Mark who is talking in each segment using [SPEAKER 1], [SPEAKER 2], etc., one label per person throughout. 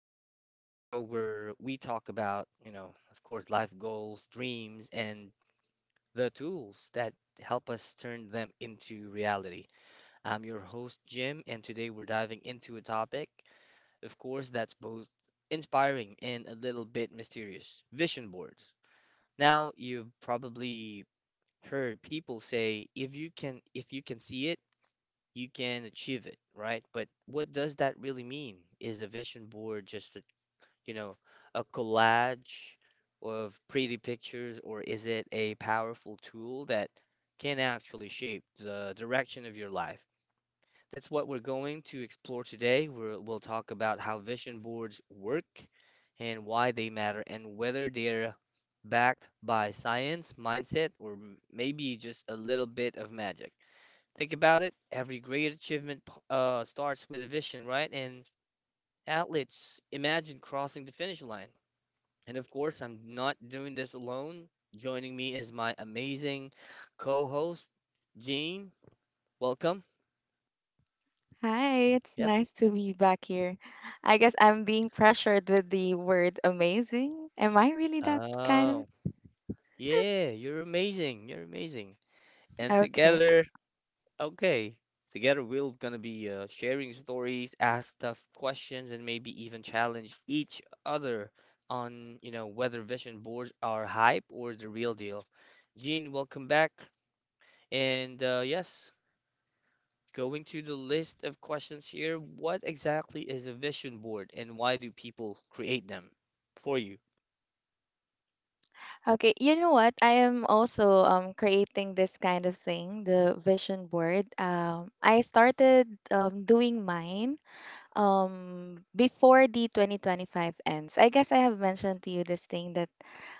[SPEAKER 1] And yes, the show where we talk about, you know, of course, life goals, dreams, and the tools that help us turn them into reality. I'm your host, Jim, and today we're diving into a topic, of course, that's both inspiring and a little bit mysterious vision boards. Now, you've probably heard people say if you can see it you can achieve it, right? But what does that really mean? Is a vision board just a, you know, a collage of pretty pictures, or is it a powerful tool that can actually shape the direction of your life? That's what we're going to explore today. We'll talk about how vision boards work and why they matter and whether they're backed by science, mindset, or maybe just a little bit of magic. Think about it. Every great achievement starts with a vision, right? And athletes imagine crossing the finish line. And of course, I'm not doing this alone. Joining me is my amazing co-host, Jean. Welcome.
[SPEAKER 2] Hi, it's
[SPEAKER 1] Yep.
[SPEAKER 2] nice to be back here. I guess I'm being pressured with the word amazing. Am I really that kind of?
[SPEAKER 1] Oh, yeah, you're amazing. You're amazing. And
[SPEAKER 2] Okay.
[SPEAKER 1] together, okay. Together, we're gonna be sharing stories, ask tough questions, and maybe even challenge each other on, you know, whether vision boards are hype or the real deal. Gene, welcome back. And yes, going to the list of questions here, what exactly is a vision board and why do people create them for you?
[SPEAKER 2] Okay, you know what? I am also creating this kind of thing, the vision board. I started doing mine before the 2025 ends. I guess I have mentioned to you this thing that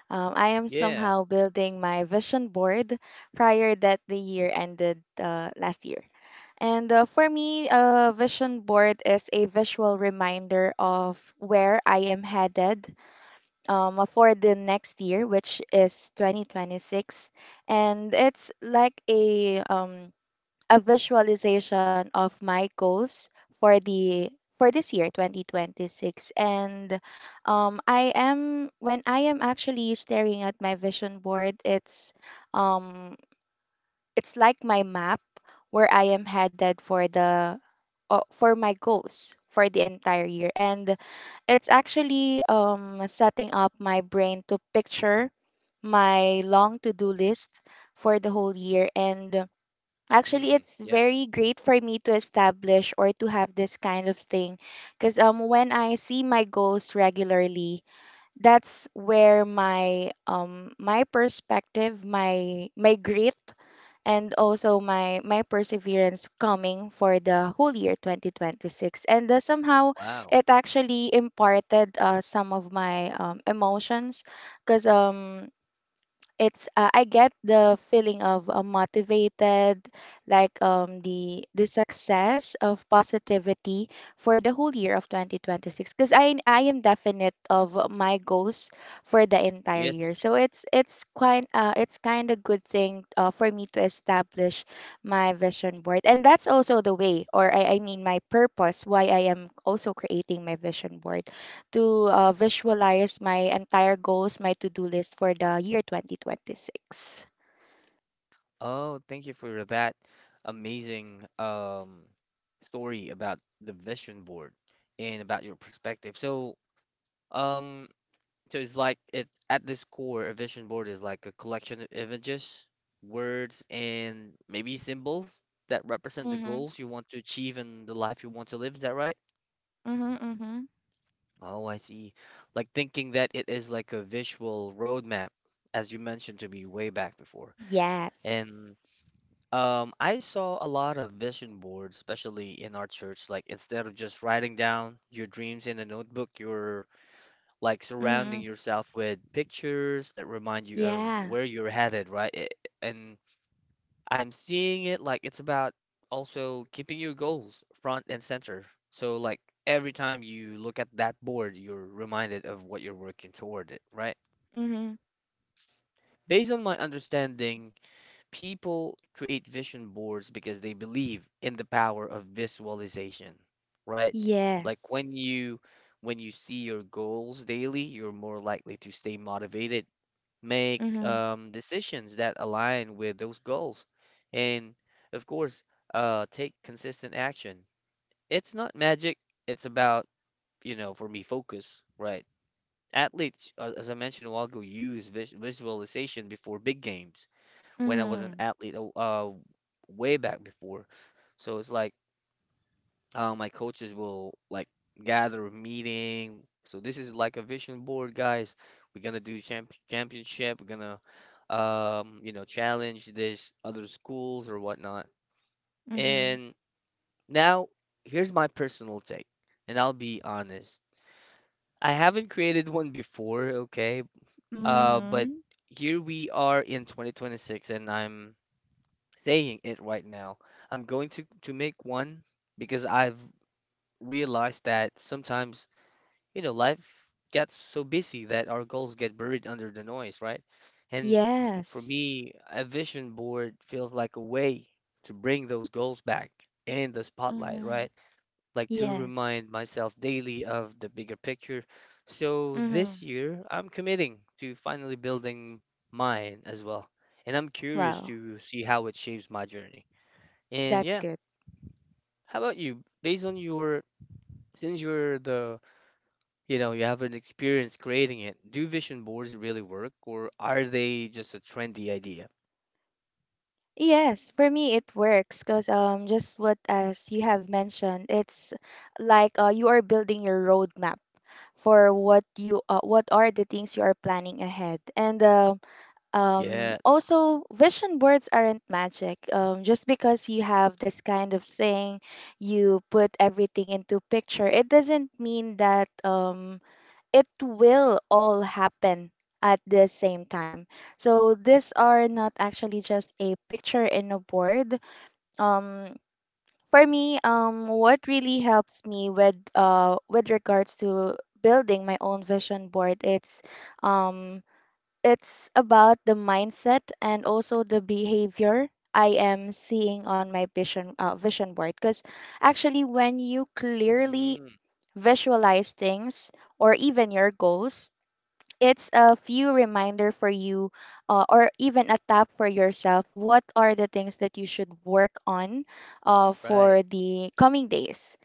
[SPEAKER 2] I am
[SPEAKER 1] Yeah.
[SPEAKER 2] somehow building my vision board prior that the year ended last year. And for me, a vision board is a visual reminder of where I am headed for the next year, which is 2026. And it's like a visualization of my goals for the for this year, 2026. And I am when I am actually staring at my vision board, um it's like my map where I am headed for the for my goals for the entire year, and it's actually setting up my brain to picture my long to-do list for the whole year. And actually
[SPEAKER 1] Mm,
[SPEAKER 2] it's
[SPEAKER 1] yeah.
[SPEAKER 2] very great for me to establish or to have this kind of thing, because when I see my goals regularly, that's where my my perspective, my grit, and also my perseverance coming for the whole year 2026. And somehow
[SPEAKER 1] Wow.
[SPEAKER 2] it actually imparted some of my emotions, because it's I get the feeling of motivated, like the success of positivity for the whole year of 2026, because I am definite of my goals for the entire
[SPEAKER 1] Yes.
[SPEAKER 2] year. So it's quite it's kind of good thing for me to establish my vision board. And that's also the way, or I mean my purpose why I am also creating my vision board, to visualize my entire goals, my to-do list for the year 2026.
[SPEAKER 1] Oh, thank you for that amazing story about the vision board and about your perspective. So, um, so it's like it at this core, a vision board is like a collection of images, words, and maybe symbols that represent the
[SPEAKER 2] Mm-hmm.
[SPEAKER 1] goals you want to achieve and the life you want to live. Is that right?
[SPEAKER 2] Mm-hmm. Mm-hmm.
[SPEAKER 1] Oh, I see. Like thinking that it is like a visual roadmap, as you mentioned to me way back before.
[SPEAKER 2] Yes.
[SPEAKER 1] And I saw a lot of vision boards, especially in our church. Like, instead of just writing down your dreams in a notebook, you're like surrounding
[SPEAKER 2] Mm-hmm.
[SPEAKER 1] yourself with pictures that remind you of
[SPEAKER 2] Yeah.
[SPEAKER 1] where you're headed, right? And I'm seeing it like it's about also keeping your goals front and center. So, like, every time you look at that board, you're reminded of what you're working toward it, right?
[SPEAKER 2] Mm-hmm.
[SPEAKER 1] Based on my understanding, people create vision boards because they believe in the power of visualization, right?
[SPEAKER 2] Yes.
[SPEAKER 1] Like when you see your goals daily, you're more likely to stay motivated, make
[SPEAKER 2] Mm-hmm.
[SPEAKER 1] decisions that align with those goals, and of course, take consistent action. It's not magic. It's about, you know, for me, focus, right? Athletes, as I mentioned a while ago, use visualization before big games when I was an
[SPEAKER 2] Mm-hmm.
[SPEAKER 1] athlete way back before. So it's like my coaches will like gather a meeting. So this is like a vision board, guys. We're gonna do championship. We're gonna you know challenge this other schools or whatnot.
[SPEAKER 2] Mm-hmm.
[SPEAKER 1] And now here's my personal take, and I'll be honest. I haven't created one before, okay? But
[SPEAKER 2] Mm-hmm.
[SPEAKER 1] here we are in 2026, and I'm saying it right now. I'm going to make one because I've realized that sometimes, you know, life gets so busy that our goals get buried under the noise, right? And for
[SPEAKER 2] Yes.
[SPEAKER 1] me, a vision board feels like a way to bring those goals back in the spotlight,
[SPEAKER 2] Mm-hmm.
[SPEAKER 1] right? Like to
[SPEAKER 2] Yes.
[SPEAKER 1] remind myself daily of the bigger picture. So this
[SPEAKER 2] Mm-hmm.
[SPEAKER 1] year, I'm committing to finally building mine as well. And I'm curious
[SPEAKER 2] Wow,
[SPEAKER 1] to see how it shapes my journey. And
[SPEAKER 2] that's
[SPEAKER 1] yeah,
[SPEAKER 2] good.
[SPEAKER 1] how about you? Since you're the, you know, you have an experience creating it, do vision boards really work or are they just a trendy idea?
[SPEAKER 2] Yes, for me it works because just what as you have mentioned, it's like you are building your roadmap for what you what are the things you are planning ahead. And
[SPEAKER 1] Yeah.
[SPEAKER 2] also vision boards aren't magic, just because you have this kind of thing, you put everything into picture, it doesn't mean that it will all happen at the same time. So these are not actually just a picture in a board. um for me, what really helps me with regards to building my own vision board, um it's about the mindset and also the behavior I am seeing on my vision board. Because actually, when you clearly
[SPEAKER 1] Mm,
[SPEAKER 2] visualize things or even your goals, it's a few reminder for you, or even a tap for yourself what are the things that you should work on
[SPEAKER 1] right.
[SPEAKER 2] for the coming days.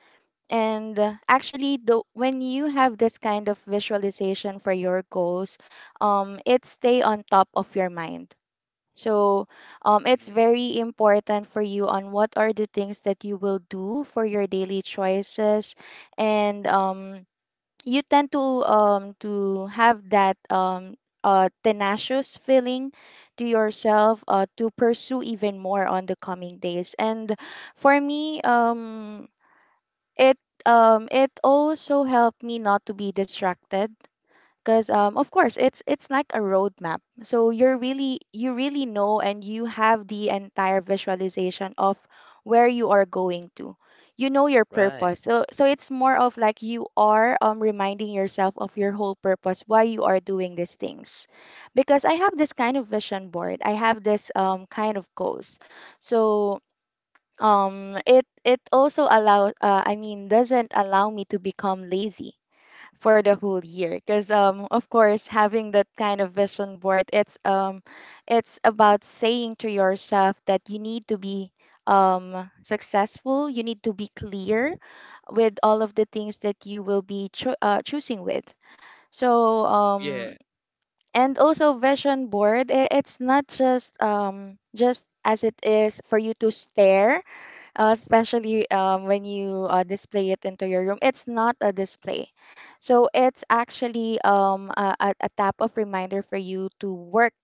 [SPEAKER 2] And actually when you have this kind of visualization for your goals, it stay on top of your mind. So it's
[SPEAKER 1] Mm,
[SPEAKER 2] very important for you on what are the things that you will do for your daily choices. And you tend to have that tenacious feeling to yourself to pursue even more on the coming days. And for me, it it also helped me not to be distracted, because of course it's like a roadmap, so you're really, you really know, and you have the entire visualization of where you are going to, you know your
[SPEAKER 1] right.
[SPEAKER 2] purpose. So it's more of like you are, reminding yourself of your whole purpose why you are doing these things, because I have this kind of vision board, I have this kind of goals. So it also allow I mean doesn't allow me to become lazy for the whole year. Because of course having that kind of vision board, it's about saying to yourself that you need to be successful, you need to be clear with all of the things that you will be choosing with. So
[SPEAKER 1] Yeah.
[SPEAKER 2] and also vision board it's not just just as it is for you to stare, especially when you display it into your room. It's not a display. So it's actually a, a type of reminder for you to work,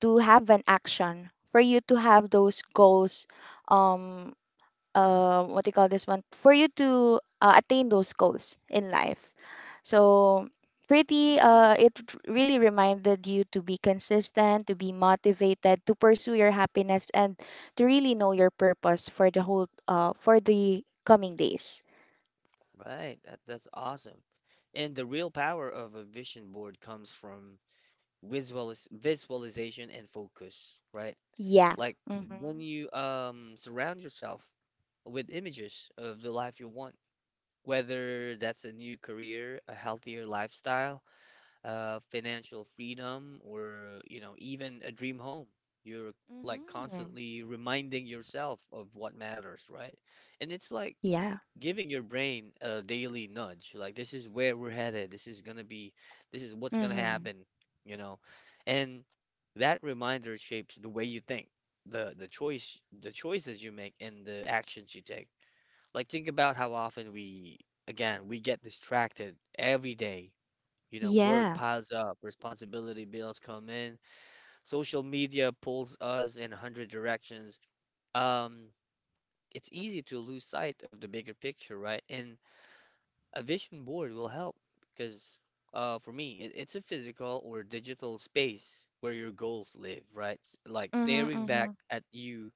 [SPEAKER 2] to have an action, for you to have those goals, um, what do you call this one, for you to attain those goals in life. So pretty
[SPEAKER 1] Mm,
[SPEAKER 2] it really reminded you to be consistent, to be motivated, to pursue your happiness, and to really know your purpose for the whole for the coming days.
[SPEAKER 1] right. That, that's awesome. And the real power of a vision board comes from visualis visualization and focus, right?
[SPEAKER 2] Yeah.
[SPEAKER 1] Like when
[SPEAKER 2] Mm-hmm.
[SPEAKER 1] you surround yourself with images of the life you want. Whether that's a new career, a healthier lifestyle, financial freedom, or you know, even a dream home, you're like
[SPEAKER 2] Mm-hmm.
[SPEAKER 1] constantly reminding yourself of what matters, right? And it's like
[SPEAKER 2] Yeah.
[SPEAKER 1] giving your brain a daily nudge, like this is where we're headed, this is what's gonna
[SPEAKER 2] Mm-hmm.
[SPEAKER 1] happen, you know, and that reminder shapes the way you think, the choice, the choices you make, and the actions you take. Like, think about how often again, we get distracted every day. You know, work
[SPEAKER 2] Yeah.
[SPEAKER 1] piles up, responsibility bills come in, social media pulls us in 100 directions. Um, it's easy to lose sight of the bigger picture, right? And a vision board will help because, for me, it's a physical or digital space where your goals live, right? Like
[SPEAKER 2] Mm-hmm.
[SPEAKER 1] staring
[SPEAKER 2] Mm-hmm.
[SPEAKER 1] back at you,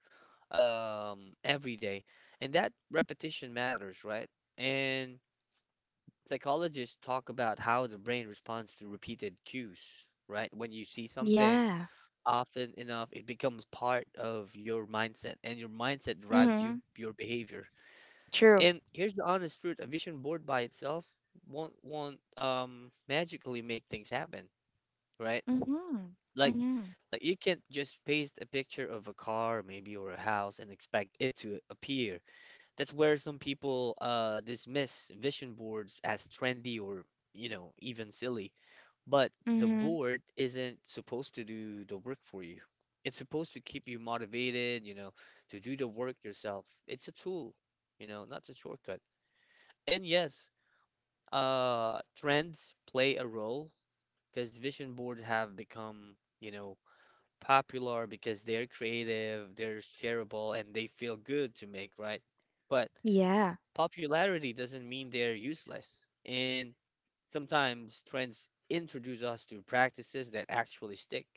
[SPEAKER 1] every day, and that repetition matters, right? And psychologists talk about how the brain responds to repeated cues, right? When you see something
[SPEAKER 2] Yeah.
[SPEAKER 1] often enough, it becomes part of your mindset, and your mindset drives
[SPEAKER 2] Mm-hmm.
[SPEAKER 1] your behavior.
[SPEAKER 2] True.
[SPEAKER 1] And here's the honest truth: a vision board by itself won't magically make things happen, right?
[SPEAKER 2] Mm-hmm.
[SPEAKER 1] Like
[SPEAKER 2] Mm-hmm.
[SPEAKER 1] like you can't just paste a picture of a car maybe or a house and expect it to appear. That's where some people dismiss vision boards as trendy or, you know, even silly. But the
[SPEAKER 2] Mm-hmm.
[SPEAKER 1] board isn't supposed to do the work for you. It's supposed to keep you motivated, you know, to do the work yourself. It's a tool, you know, not a shortcut. And yes, trends play a role because vision board have become, you know, popular because they're creative, they're shareable, and they feel good to make, right? But
[SPEAKER 2] Yeah.
[SPEAKER 1] popularity doesn't mean they're useless, and sometimes trends introduce us to practices that actually stick.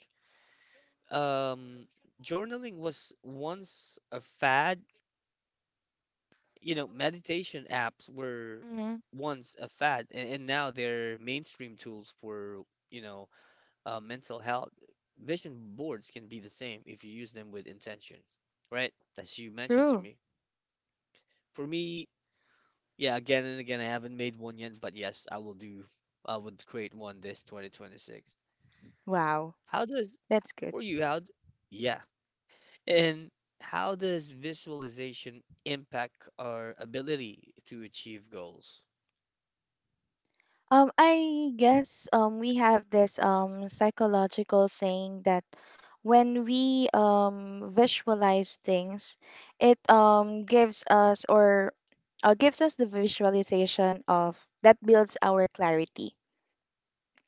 [SPEAKER 1] Um, journaling was once a fad, you know, meditation apps were
[SPEAKER 2] Mm-hmm.
[SPEAKER 1] once a fad, and now they're mainstream tools for, you know, mental health. Vision boards can be the same if you use them with intention, right? As you mentioned to
[SPEAKER 2] True.
[SPEAKER 1] me. For me, yeah, again and again, I haven't made one yet, but yes, I will do. I would create one this 2026.
[SPEAKER 2] Wow,
[SPEAKER 1] How does,
[SPEAKER 2] that's good.
[SPEAKER 1] for you, yeah. And how does visualization impact our ability to achieve goals?
[SPEAKER 2] I guess we have this psychological thing that when we visualize things, it gives us, or gives us the visualization of that builds our clarity.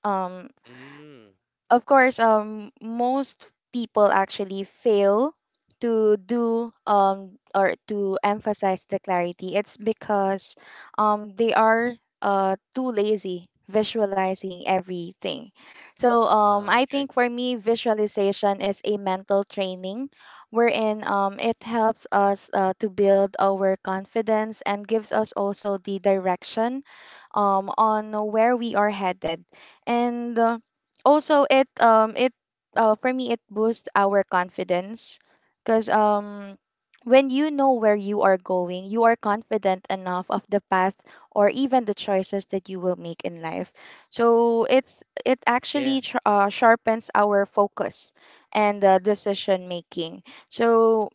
[SPEAKER 2] Um,
[SPEAKER 1] Mm,
[SPEAKER 2] of course most people actually fail to do or to emphasize the clarity, it's because they are too lazy visualizing everything. So
[SPEAKER 1] uh,
[SPEAKER 2] I
[SPEAKER 1] okay.
[SPEAKER 2] think for me visualization is a mental training, wherein it helps us to build our confidence and gives us also the direction on where we are headed. And also it it for me it boosts our confidence, because when you know where you are going, you are confident enough of the path or even the choices that you will make in life. So it's it
[SPEAKER 1] Yeah.
[SPEAKER 2] actually sharpens our focus and decision making. So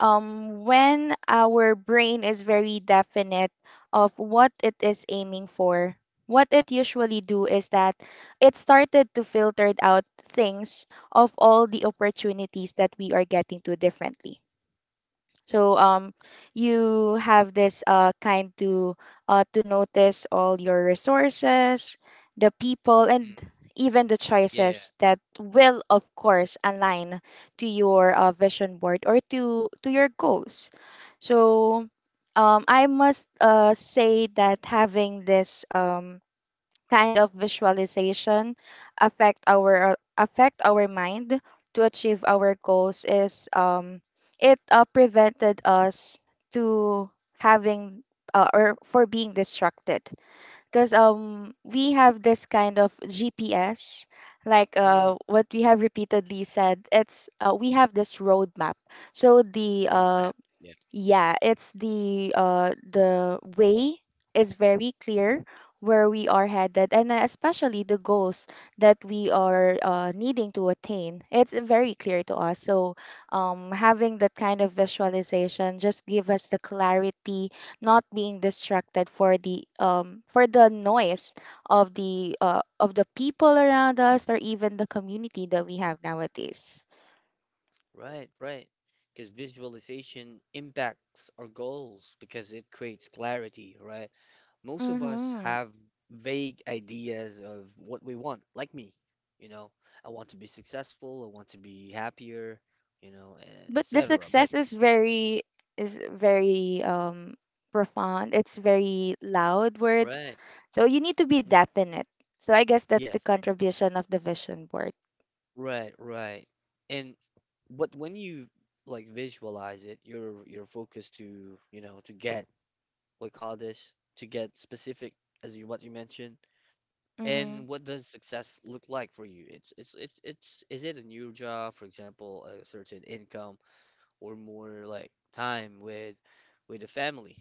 [SPEAKER 2] when our brain is very definite of what it is aiming for, what it usually do is that it started to filter out things of all the opportunities that we are getting to differently. So you have this kind to notice all your resources, the people, and
[SPEAKER 1] Mm-mm.
[SPEAKER 2] even the
[SPEAKER 1] Yeah.
[SPEAKER 2] choices that will, of course, align to your vision board, or to your goals. So I must say that having this kind of visualization affect our mind to achieve our goals is it prevented us to having, or for being distracted, because we have this kind of GPS, like
[SPEAKER 1] Mm,
[SPEAKER 2] what we have repeatedly said, it's we have this roadmap. So the
[SPEAKER 1] roadmap.
[SPEAKER 2] yeah, it's the way is very clear where we are headed, and especially the goals that we are needing to attain. It's very clear to us. So having that kind of visualization just give us the clarity, not being distracted for the noise of the people around us or even the community that we have nowadays.
[SPEAKER 1] Right, right. Because visualization impacts our goals because it creates clarity, right? Most of us
[SPEAKER 2] Mm-hmm.
[SPEAKER 1] have vague ideas of what we want, like me. You know, I want to be successful, I want to be happier, you know,
[SPEAKER 2] But the
[SPEAKER 1] etc. But
[SPEAKER 2] success is very profound, it's very loud word.
[SPEAKER 1] right,
[SPEAKER 2] So you need to be
[SPEAKER 1] mm,
[SPEAKER 2] definite. So I guess that's the
[SPEAKER 1] yes,
[SPEAKER 2] contribution of the vision board.
[SPEAKER 1] right, right. And but when you like visualize it, you're focused to, you know, to get what we call this, to get specific as you what you mentioned.
[SPEAKER 2] Mm-hmm.
[SPEAKER 1] And what does success look like for you? It's is it a new job, for example, a certain income, or more like time with the family?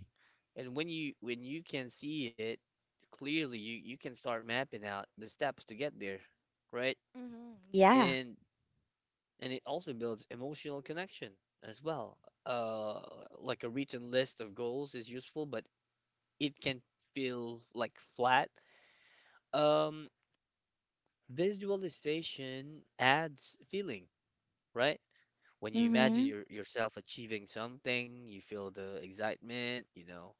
[SPEAKER 1] And when you can see it clearly, you can start mapping out the steps to get there, right?
[SPEAKER 2] Mm-hmm. Yeah.
[SPEAKER 1] And and it also builds emotional connection as well. Uh, like a written list of goals is useful, but it can feel like flat. Um. Visualization adds feeling, right? When you imagine
[SPEAKER 2] Mm-hmm.
[SPEAKER 1] yourself achieving something, you feel the excitement, you know,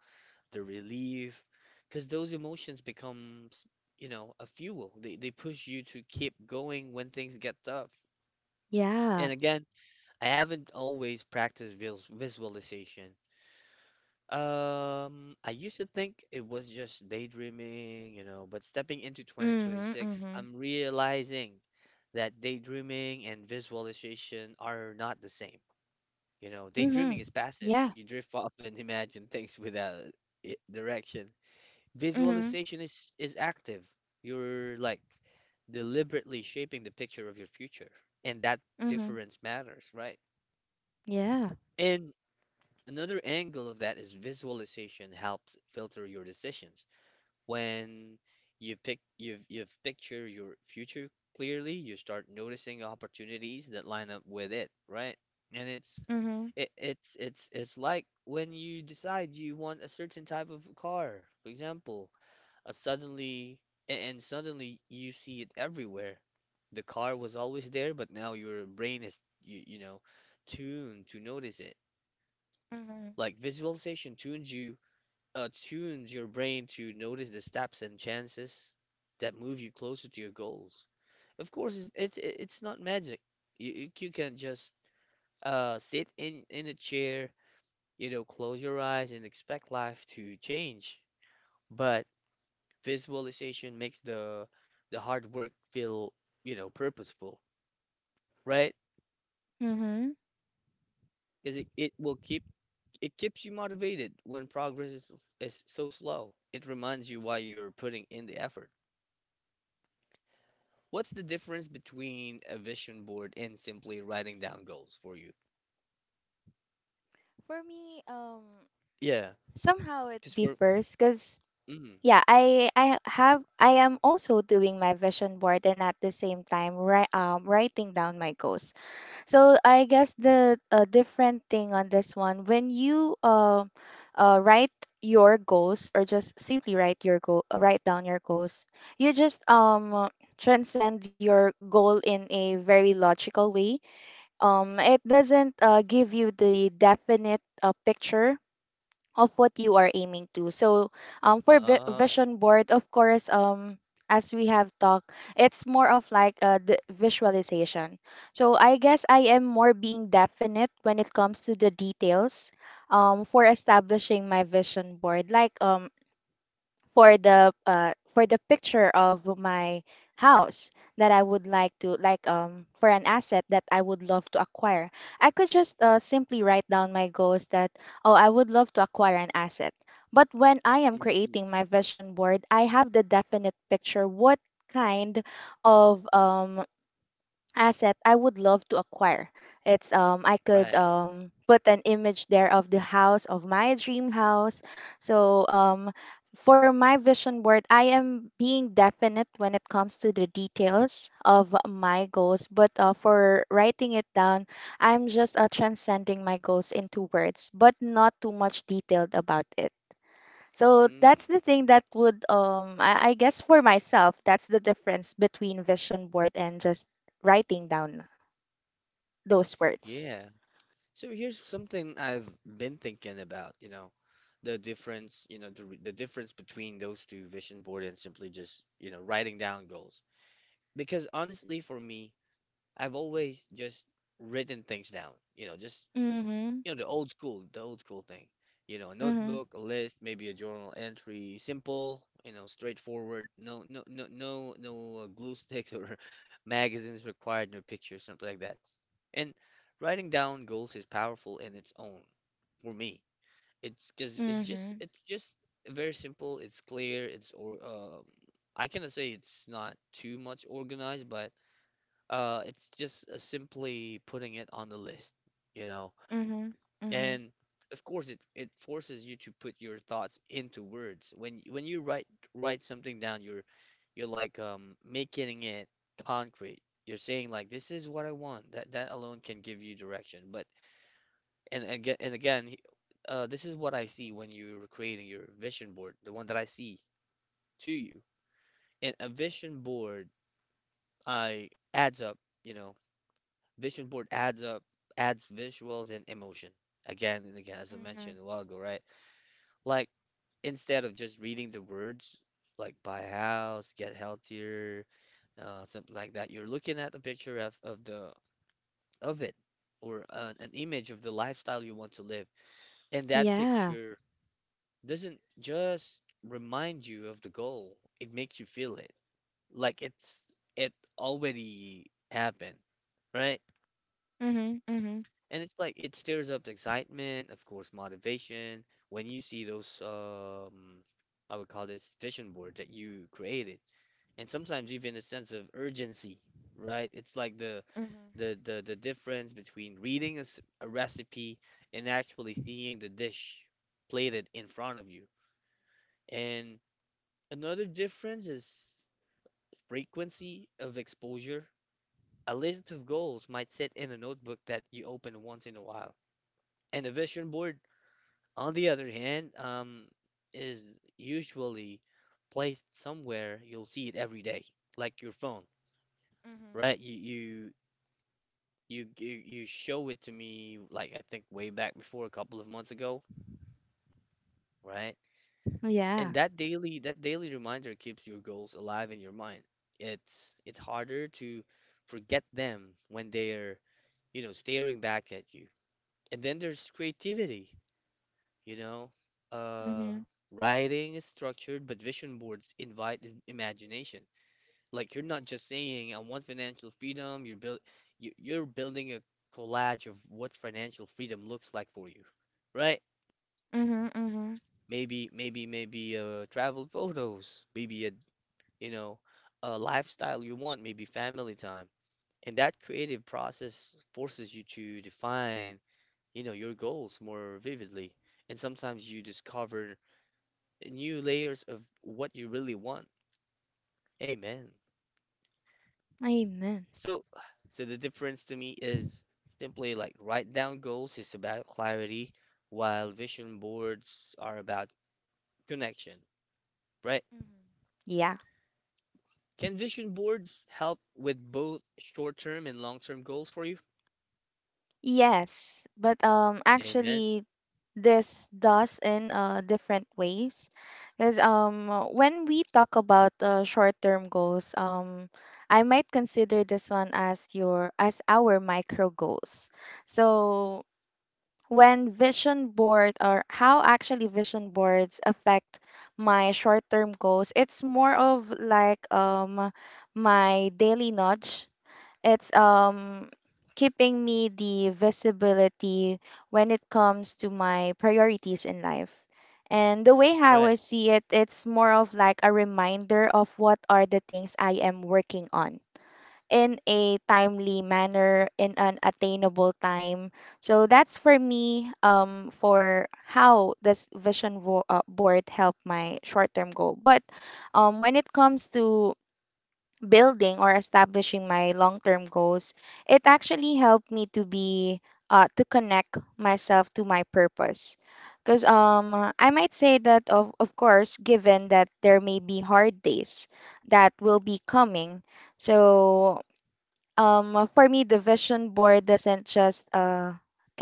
[SPEAKER 1] the relief, because those emotions becomes, you know, a fuel. They push you to keep going when things get tough.
[SPEAKER 2] Yeah.
[SPEAKER 1] And again, I haven't always practiced visualization. I used to think it was just daydreaming, you know, but stepping into
[SPEAKER 2] Mm-hmm.
[SPEAKER 1] 2026,
[SPEAKER 2] Mm-hmm.
[SPEAKER 1] I'm realizing that daydreaming and visualization are not the same. You know,
[SPEAKER 2] Mm-hmm.
[SPEAKER 1] daydreaming is passive.
[SPEAKER 2] Yeah.
[SPEAKER 1] You drift off and imagine things without direction.
[SPEAKER 2] Mm-hmm.
[SPEAKER 1] Visualization is active. You're like deliberately shaping the picture of your future, and that
[SPEAKER 2] Mm-hmm.
[SPEAKER 1] difference matters, right?
[SPEAKER 2] Yeah.
[SPEAKER 1] And another angle of that is visualization helps filter your decisions. When you pick you've picture your future clearly, you start noticing opportunities that line up with it, right? And it's
[SPEAKER 2] Mm-hmm.
[SPEAKER 1] it, it's like when you decide you want a certain type of car, for example, a suddenly and suddenly you see it everywhere. The car was always there, but now your brain is you know tuned to notice it.
[SPEAKER 2] Mm-hmm.
[SPEAKER 1] Like visualization tunes your brain to notice the steps and chances that move you closer to your goals. Of course, it's not magic. You can just sit in a chair, you know, close your eyes and expect life to change. But visualization makes the hard work feel, you know, purposeful, right?
[SPEAKER 2] Mm-hmm.
[SPEAKER 1] Because it keeps you motivated when progress is so slow. It reminds you why you're putting in the effort. What's the difference between a vision board and simply writing down goals for you?
[SPEAKER 2] For me,
[SPEAKER 1] Yeah.
[SPEAKER 2] somehow it
[SPEAKER 1] Because for
[SPEAKER 2] differs because
[SPEAKER 1] mm,
[SPEAKER 2] yeah, I have I am also doing my vision board and at the same time writing down my goals. So I guess the different thing on this one, when you write your goals or just simply write your goal write down your goals, you just transcend your goal in a very logical way. It doesn't give you the definite picture of what you are aiming to. So, for
[SPEAKER 1] ah,
[SPEAKER 2] vision board, of course, as we have talked, it's more of like the visualization. So I guess I am more being definite when it comes to the details, for establishing my vision board. Like, for the picture of my house that I would like to, like for an asset that I would love to acquire. I could just simply write down my goals that, oh, I would love to acquire an asset. But when I am
[SPEAKER 1] mm-mm,
[SPEAKER 2] creating my vision board, I have the definite picture what kind of asset I would love to acquire. It's I could
[SPEAKER 1] right,
[SPEAKER 2] put an image there of the house of my dream house. So for my vision board, I am being definite when it comes to the details of my goals, but for writing it down, I'm just transcending my goals into words, but not too much detailed about it. So that's
[SPEAKER 1] mm,
[SPEAKER 2] the thing that would, I guess for myself, that's the difference between vision board and just writing down those words.
[SPEAKER 1] yeah. So here's something I've been thinking about, the difference, the the difference between those two, vision board and simply just, writing down goals. Because honestly, for me, I've always just written things down, you know, just.
[SPEAKER 2] Mm-hmm.
[SPEAKER 1] You know, the old school thing. You know, a
[SPEAKER 2] Mm-hmm.
[SPEAKER 1] notebook, a list, maybe a journal entry, simple, you know, straightforward. No, no, no, no, no glue sticks or magazines required, no pictures, something like that. And writing down goals is powerful in its own for me. It's because
[SPEAKER 2] Mm-hmm.
[SPEAKER 1] it's just very simple. It's clear. It's or I cannot say it's not too much organized, but it's just simply putting it on the list. You know,
[SPEAKER 2] Mm-hmm. Mm-hmm.
[SPEAKER 1] and of course, it forces you to put your thoughts into words. When you write something down, you're you're making it concrete. You're saying like this is what I want. That alone can give you direction. But and again, this is what I see when you're creating your vision board, the one that I see to you. And a vision board, I adds up. You know, vision board adds up, adds visuals and emotion. Again and again, as I mentioned
[SPEAKER 2] Mm-hmm.
[SPEAKER 1] a while ago, right? Like instead of just reading the words like buy a house, get healthier, something like that, you're looking at the picture of the of it, or an image of the lifestyle you want to live. And that
[SPEAKER 2] Yeah.
[SPEAKER 1] picture doesn't just remind you of the goal, it makes you feel it. Like it already happened, right?
[SPEAKER 2] Mm-hmm. Mm-hmm.
[SPEAKER 1] And it's like it stirs up the excitement, of course, motivation when you see those. I would call this vision board that you created, and sometimes even a sense of urgency, right? It's like
[SPEAKER 2] Mm-hmm.
[SPEAKER 1] the difference between reading a recipe and actually seeing the dish plated in front of you. And another difference is frequency of exposure. A list of goals might sit in a notebook that you open once in a while, and a vision board, on the other hand, is usually placed somewhere you'll see it every day, like your phone,
[SPEAKER 2] Mm-hmm.
[SPEAKER 1] right? You show it to me like, I think way back before a couple of months ago, right?
[SPEAKER 2] Yeah.
[SPEAKER 1] And that daily reminder keeps your goals alive in your mind. It's harder to forget them when they're, you know, staring back at you. And then there's creativity, you know. Uh,
[SPEAKER 2] Mm-hmm.
[SPEAKER 1] Writing is structured, but vision boards invite imagination. Like you're not just saying I want financial freedom, you, you're building a collage of what financial freedom looks like for you, right?
[SPEAKER 2] Mm-hmm. Mm-hmm.
[SPEAKER 1] Maybe travel photos, maybe a, you know, a lifestyle you want, maybe family time. And that creative process forces you to define, you know, your goals more vividly. And sometimes you discover new layers of what you really want. Amen.
[SPEAKER 2] Amen.
[SPEAKER 1] So, so the difference to me is simply like, write down goals is about clarity, while vision boards are about connection, right?
[SPEAKER 2] Mm-hmm. Yeah.
[SPEAKER 1] Can vision boards help with both short-term and long-term goals for you?
[SPEAKER 2] Yes, but
[SPEAKER 1] Amen.
[SPEAKER 2] actually this does in different ways. Because when we talk about short-term goals, I might consider this one as your as our micro goals. So when vision board or how actually vision boards affect my short-term goals, it's more of like my daily nudge, it's keeping me the visibility when it comes to my priorities in life. And the way how I
[SPEAKER 1] Right.
[SPEAKER 2] see it, it's more of like a reminder of what are the things I am working on in a timely manner, in an attainable time. So that's for me, for how this board help my short-term goal. But when it comes to building or establishing my long-term goals, it actually helped me to be to connect myself to my purpose. Because I might say that of course, given that there may be hard days that will be coming, so for me, the vision board doesn't just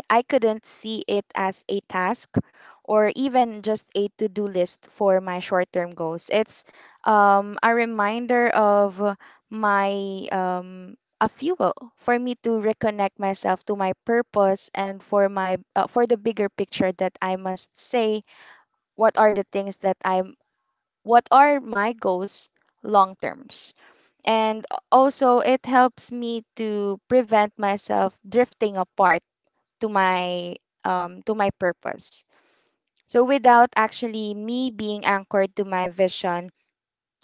[SPEAKER 2] I couldn't see it as a task or even just a to do list for my short term goals. It's a reminder of my a fuel for me to reconnect myself to my purpose and for my, for the bigger picture, that I must say what are the things that I'm what are my goals long terms, and also it helps me to prevent myself drifting apart to my, to my purpose. So without actually me being anchored to my vision,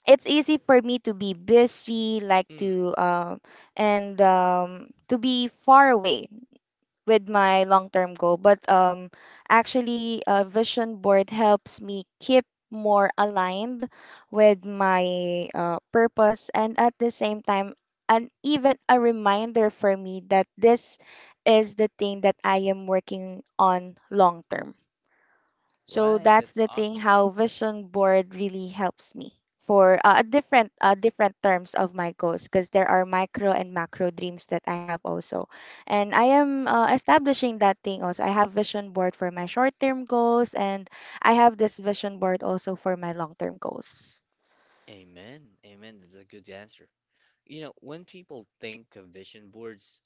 [SPEAKER 2] it's easy for me to be busy, like
[SPEAKER 1] Mm,
[SPEAKER 2] to and to be far away with my long-term goal. But actually, a vision board helps me keep more aligned with my, purpose, and at the same time, and even a reminder for me that this is the thing that I am working on long term. So
[SPEAKER 1] right.
[SPEAKER 2] that's
[SPEAKER 1] That's
[SPEAKER 2] the thing
[SPEAKER 1] awesome.
[SPEAKER 2] how vision board really helps me for, a different, different terms of my goals, because there are micro and macro dreams that I have also. And I am establishing that thing also. I have vision board for my short-term goals and I have this vision board also for my long-term goals.
[SPEAKER 1] Amen. Amen. That's a good answer. You know, when people think of vision boards,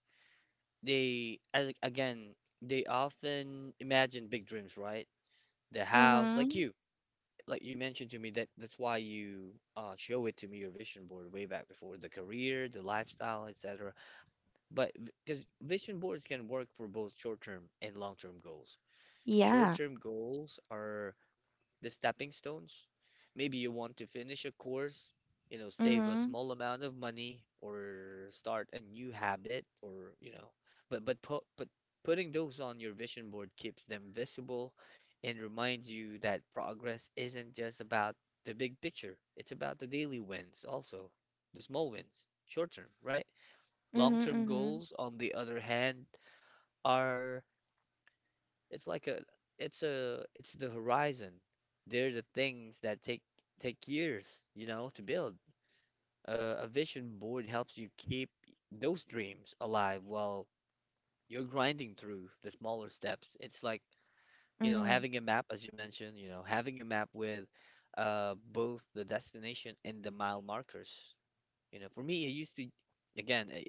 [SPEAKER 1] they, as again, they often imagine big dreams, right? The house,
[SPEAKER 2] Mhm.
[SPEAKER 1] like you mentioned to me that that's why you show it to me your vision board way back before, the career, the lifestyle, etc. But because vision boards can work for both short-term and long-term goals.
[SPEAKER 2] Yeah.
[SPEAKER 1] Short-term goals are the stepping stones. Maybe you want to finish a course, you know, save a
[SPEAKER 2] Mhm.
[SPEAKER 1] small amount of money or start a new habit, or, you know, but putting those on your vision board keeps them visible, and reminds you that progress isn't just about the big picture. It's about the daily wins also, the small wins, short term, right?
[SPEAKER 2] Mhm.
[SPEAKER 1] Long-term
[SPEAKER 2] Mhm.
[SPEAKER 1] goals, on the other hand, are, it's like a, it's the horizon. They're the things that take years, you know, to build. A vision board helps you keep those dreams alive while you're grinding through the smaller steps. It's like, you know,
[SPEAKER 2] Mhm.
[SPEAKER 1] having a map, as you mentioned, you know, having a map with both the destination and the mile markers. You know, for me, it used to, again, I,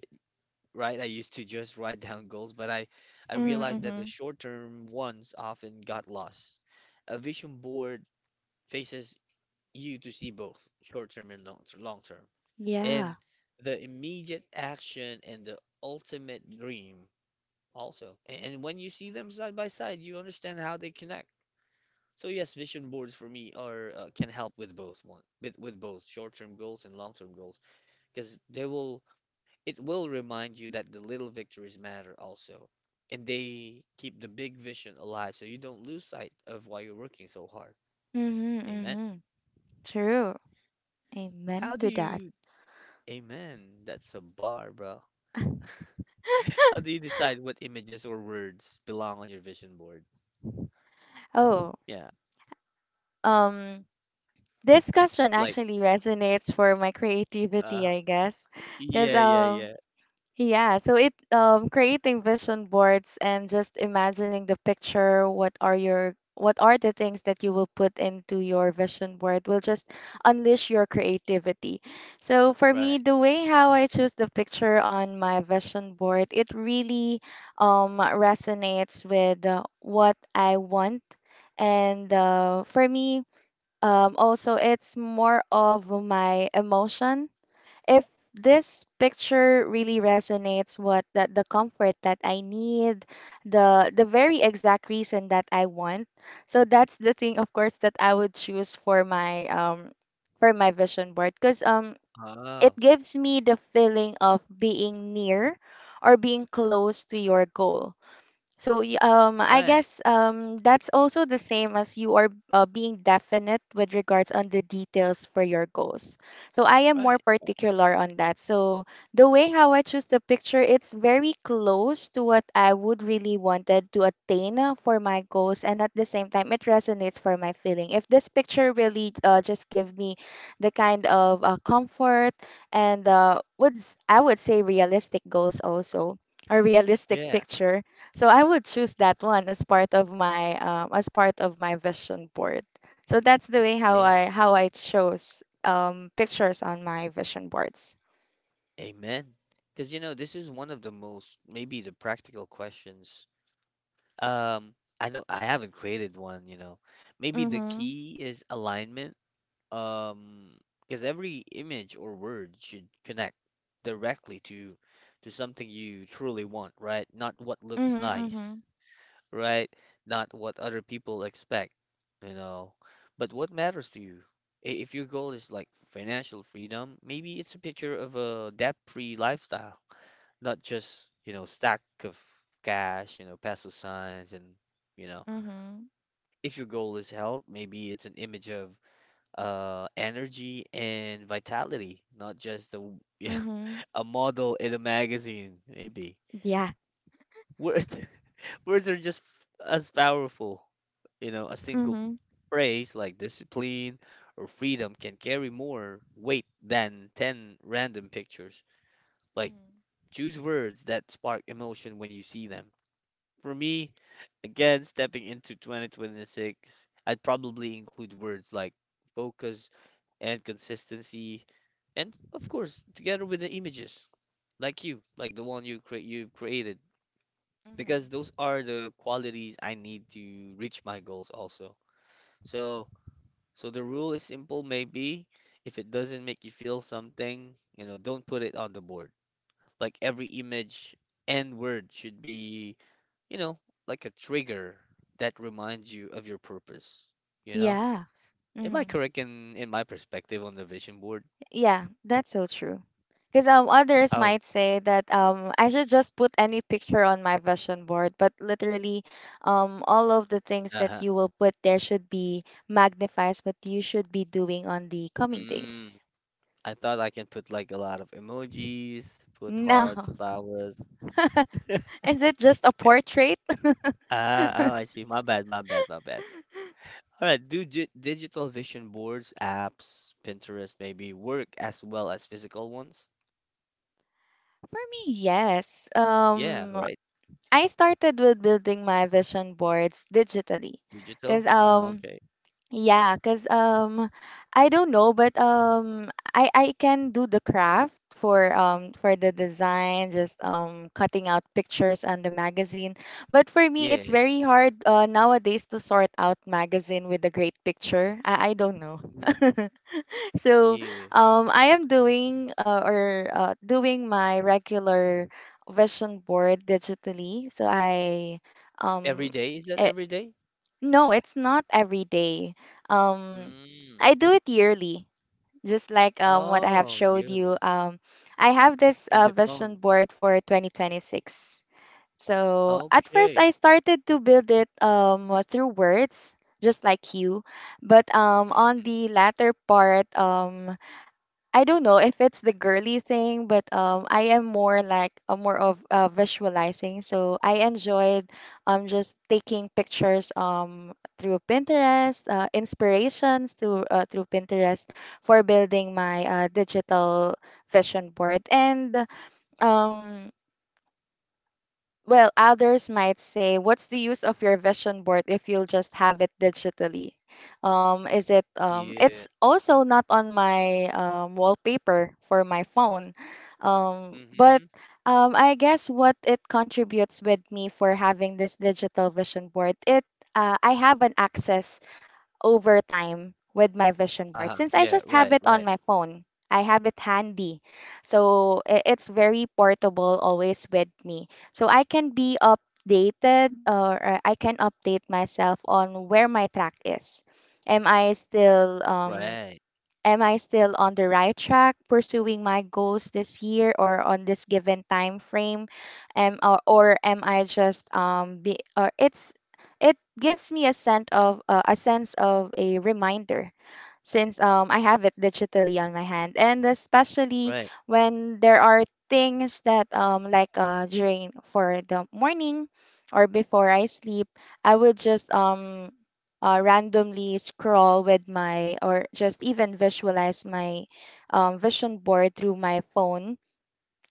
[SPEAKER 1] right? I used to just write down goals, but I realized
[SPEAKER 2] Mhm.
[SPEAKER 1] that the
[SPEAKER 2] Mhm.
[SPEAKER 1] short-term ones often got lost. A vision board faces you to see both short-term and long-term.
[SPEAKER 2] Yeah.
[SPEAKER 1] And the immediate action and the ultimate dream also. And when you see them side by side, you understand how they connect. So yes, vision boards for me are can help with with both short-term goals and long-term goals, because they will it will remind you that the little victories matter also, and they keep the big vision alive, so you don't lose sight of why you're working so hard.
[SPEAKER 2] Mhm.
[SPEAKER 1] Amen.
[SPEAKER 2] Mhm. True.
[SPEAKER 1] How
[SPEAKER 2] Amen
[SPEAKER 1] do
[SPEAKER 2] to that.
[SPEAKER 1] you, amen, that's a bar, bro. How do you decide what images or words belong on your vision board?
[SPEAKER 2] Oh,
[SPEAKER 1] Yeah,
[SPEAKER 2] um this question
[SPEAKER 1] like,
[SPEAKER 2] actually resonates for my creativity,
[SPEAKER 1] uh,
[SPEAKER 2] I guess. Because,
[SPEAKER 1] yeah, yeah, yeah,
[SPEAKER 2] yeah, so it creating vision boards and just imagining the picture, what are the things that you will put into your vision board will just unleash your creativity. So for me,
[SPEAKER 1] right.
[SPEAKER 2] the way how I choose the picture on my vision board, it really resonates with, what I want. And for me, also, it's more of my emotion. If this picture really resonates, what that the comfort that I need, the very exact reason that I want. So that's the thing, of course, that I would choose for my vision board, because it
[SPEAKER 1] Oh,
[SPEAKER 2] gives me the feeling of being near or being close to your goal, so I
[SPEAKER 1] right,
[SPEAKER 2] guess, that's also the same as you are, being definite with regards on the details for your goals. So I am more
[SPEAKER 1] right.
[SPEAKER 2] particular on that. So the way how I choose the picture, it's very close to what I would really wanted to attain, for my goals, and at the same time, it resonates for my feeling. If this picture really, just give me the kind of, comfort, and would, I would say realistic goals also or realistic
[SPEAKER 1] Yeah,
[SPEAKER 2] picture, so I would choose that one as part of my as part of my vision board. So that's the way how
[SPEAKER 1] yeah.
[SPEAKER 2] I how I chose, pictures on my vision boards.
[SPEAKER 1] Amen. Because, you know, this is one of the most, maybe the practical questions. Um, I don't. I haven't created one. You know, maybe the
[SPEAKER 2] Mhm.
[SPEAKER 1] key is alignment. Um, because every image or word should connect directly to something you truly want, right? Not what looks
[SPEAKER 2] Mhm.
[SPEAKER 1] nice,
[SPEAKER 2] Mhm.
[SPEAKER 1] right? Not what other people expect, you know. But what matters to you? If your goal is like financial freedom, maybe it's a picture of a debt-free lifestyle, not just, you know, stack of cash, you know, peso signs and, you know,
[SPEAKER 2] Mhm.
[SPEAKER 1] if your goal is health, maybe it's an image of energy and vitality, not just a yeah,
[SPEAKER 2] Mhm.
[SPEAKER 1] a model in a magazine, maybe.
[SPEAKER 2] Yeah.
[SPEAKER 1] Words words are just as powerful. You know, a single
[SPEAKER 2] Mhm.
[SPEAKER 1] phrase like discipline or freedom can carry more weight than 10 random pictures. Like
[SPEAKER 2] Mhm.
[SPEAKER 1] choose words that spark emotion when you see them. For me, again, stepping into 2026, I'd probably include words like focus and consistency, and of course, together with the images, like you, like the one you've created, because
[SPEAKER 2] Mhm.
[SPEAKER 1] those are the qualities I need to reach my goals also. So, so the rule is simple, maybe if it doesn't make you feel something, you know, don't put it on the board. Like every image and word should be, you know, like a trigger that reminds you of your purpose. You know?
[SPEAKER 2] Yeah.
[SPEAKER 1] Am I
[SPEAKER 2] Mhm.
[SPEAKER 1] correct in my perspective on the vision board?
[SPEAKER 2] Yeah, that's so true. Because others
[SPEAKER 1] Oh,
[SPEAKER 2] might say that I should just put any picture on my vision board, but literally, all of the things that
[SPEAKER 1] uh-huh.
[SPEAKER 2] you will put there should be magnifies what you should be doing on the coming
[SPEAKER 1] Mm,
[SPEAKER 2] days.
[SPEAKER 1] I thought I can put like a lot of emojis, put hearts,
[SPEAKER 2] No,
[SPEAKER 1] flowers.
[SPEAKER 2] is it just a portrait?
[SPEAKER 1] Ah, oh, I see. My bad, my bad, my bad. All right, do digital vision boards, apps, Pinterest maybe work as well as physical ones?
[SPEAKER 2] For me, yes.
[SPEAKER 1] Yeah, right.
[SPEAKER 2] I started with building my vision boards digitally, because
[SPEAKER 1] Digital? Ah, okay.
[SPEAKER 2] Yeah, cause I don't know, but um, I can do the craft for the design, just cutting out pictures on the magazine. But for me, it's
[SPEAKER 1] Yeah.
[SPEAKER 2] very hard, nowadays to sort out magazine with a great picture. I don't know.
[SPEAKER 1] Hmm.
[SPEAKER 2] So
[SPEAKER 1] Yeah.
[SPEAKER 2] I am doing or doing my regular vision board digitally. So
[SPEAKER 1] Every
[SPEAKER 2] um.
[SPEAKER 1] day? Is that
[SPEAKER 2] eh,
[SPEAKER 1] every day?
[SPEAKER 2] no, it's not every day. Um,
[SPEAKER 1] Mm.
[SPEAKER 2] I do it yearly, just like what I have
[SPEAKER 1] Oh,
[SPEAKER 2] showed
[SPEAKER 1] yearly.
[SPEAKER 2] you. I have this,
[SPEAKER 1] And the phone.
[SPEAKER 2] vision board for 2026. So at first,
[SPEAKER 1] Okay.
[SPEAKER 2] I started to build it through words, just like you. But on
[SPEAKER 1] Mm.
[SPEAKER 2] the latter part, I don't know if it's the girly thing, but I am more like, more of visualizing. So I enjoyed just taking pictures through Pinterest, inspirations through, through Pinterest for building my, digital vision board. And um well, others might say, what's the use of your vision board if you'll just have it digitally? Is it it's
[SPEAKER 1] Yeah.
[SPEAKER 2] also not on my, wallpaper for my phone. But
[SPEAKER 1] Mm-hmm.
[SPEAKER 2] I guess what it contributes with me for having this digital vision board, it I have an access over time with my vision board
[SPEAKER 1] Uh-huh.
[SPEAKER 2] since I
[SPEAKER 1] Yeah,
[SPEAKER 2] just have
[SPEAKER 1] right,
[SPEAKER 2] it on
[SPEAKER 1] right.
[SPEAKER 2] my phone. I have it handy. So it's very portable, always with me. So I can be updated, or I can update myself on where my track is. Am I still um
[SPEAKER 1] Right.
[SPEAKER 2] Am I still on the right track pursuing my goals this year or on this given time frame? Am or am I just be or it's it gives me a sense of, a sense of a reminder since I have it digitally on my hand, and especially
[SPEAKER 1] Right.
[SPEAKER 2] when there are things that during for the morning or before I sleep, I would just randomly scroll with my, or just even visualize my, vision board through my phone,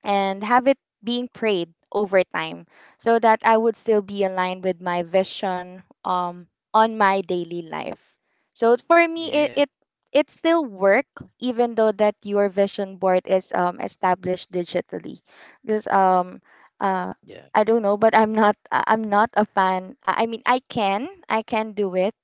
[SPEAKER 2] and have it being prayed over time, so that I would still be aligned with my vision, on my daily life. So for me,
[SPEAKER 1] Yeah.
[SPEAKER 2] it still work, even though that your vision board is, established digitally, because uh,
[SPEAKER 1] Yeah.
[SPEAKER 2] I don't know, but I'm not a fan, I mean I can do it.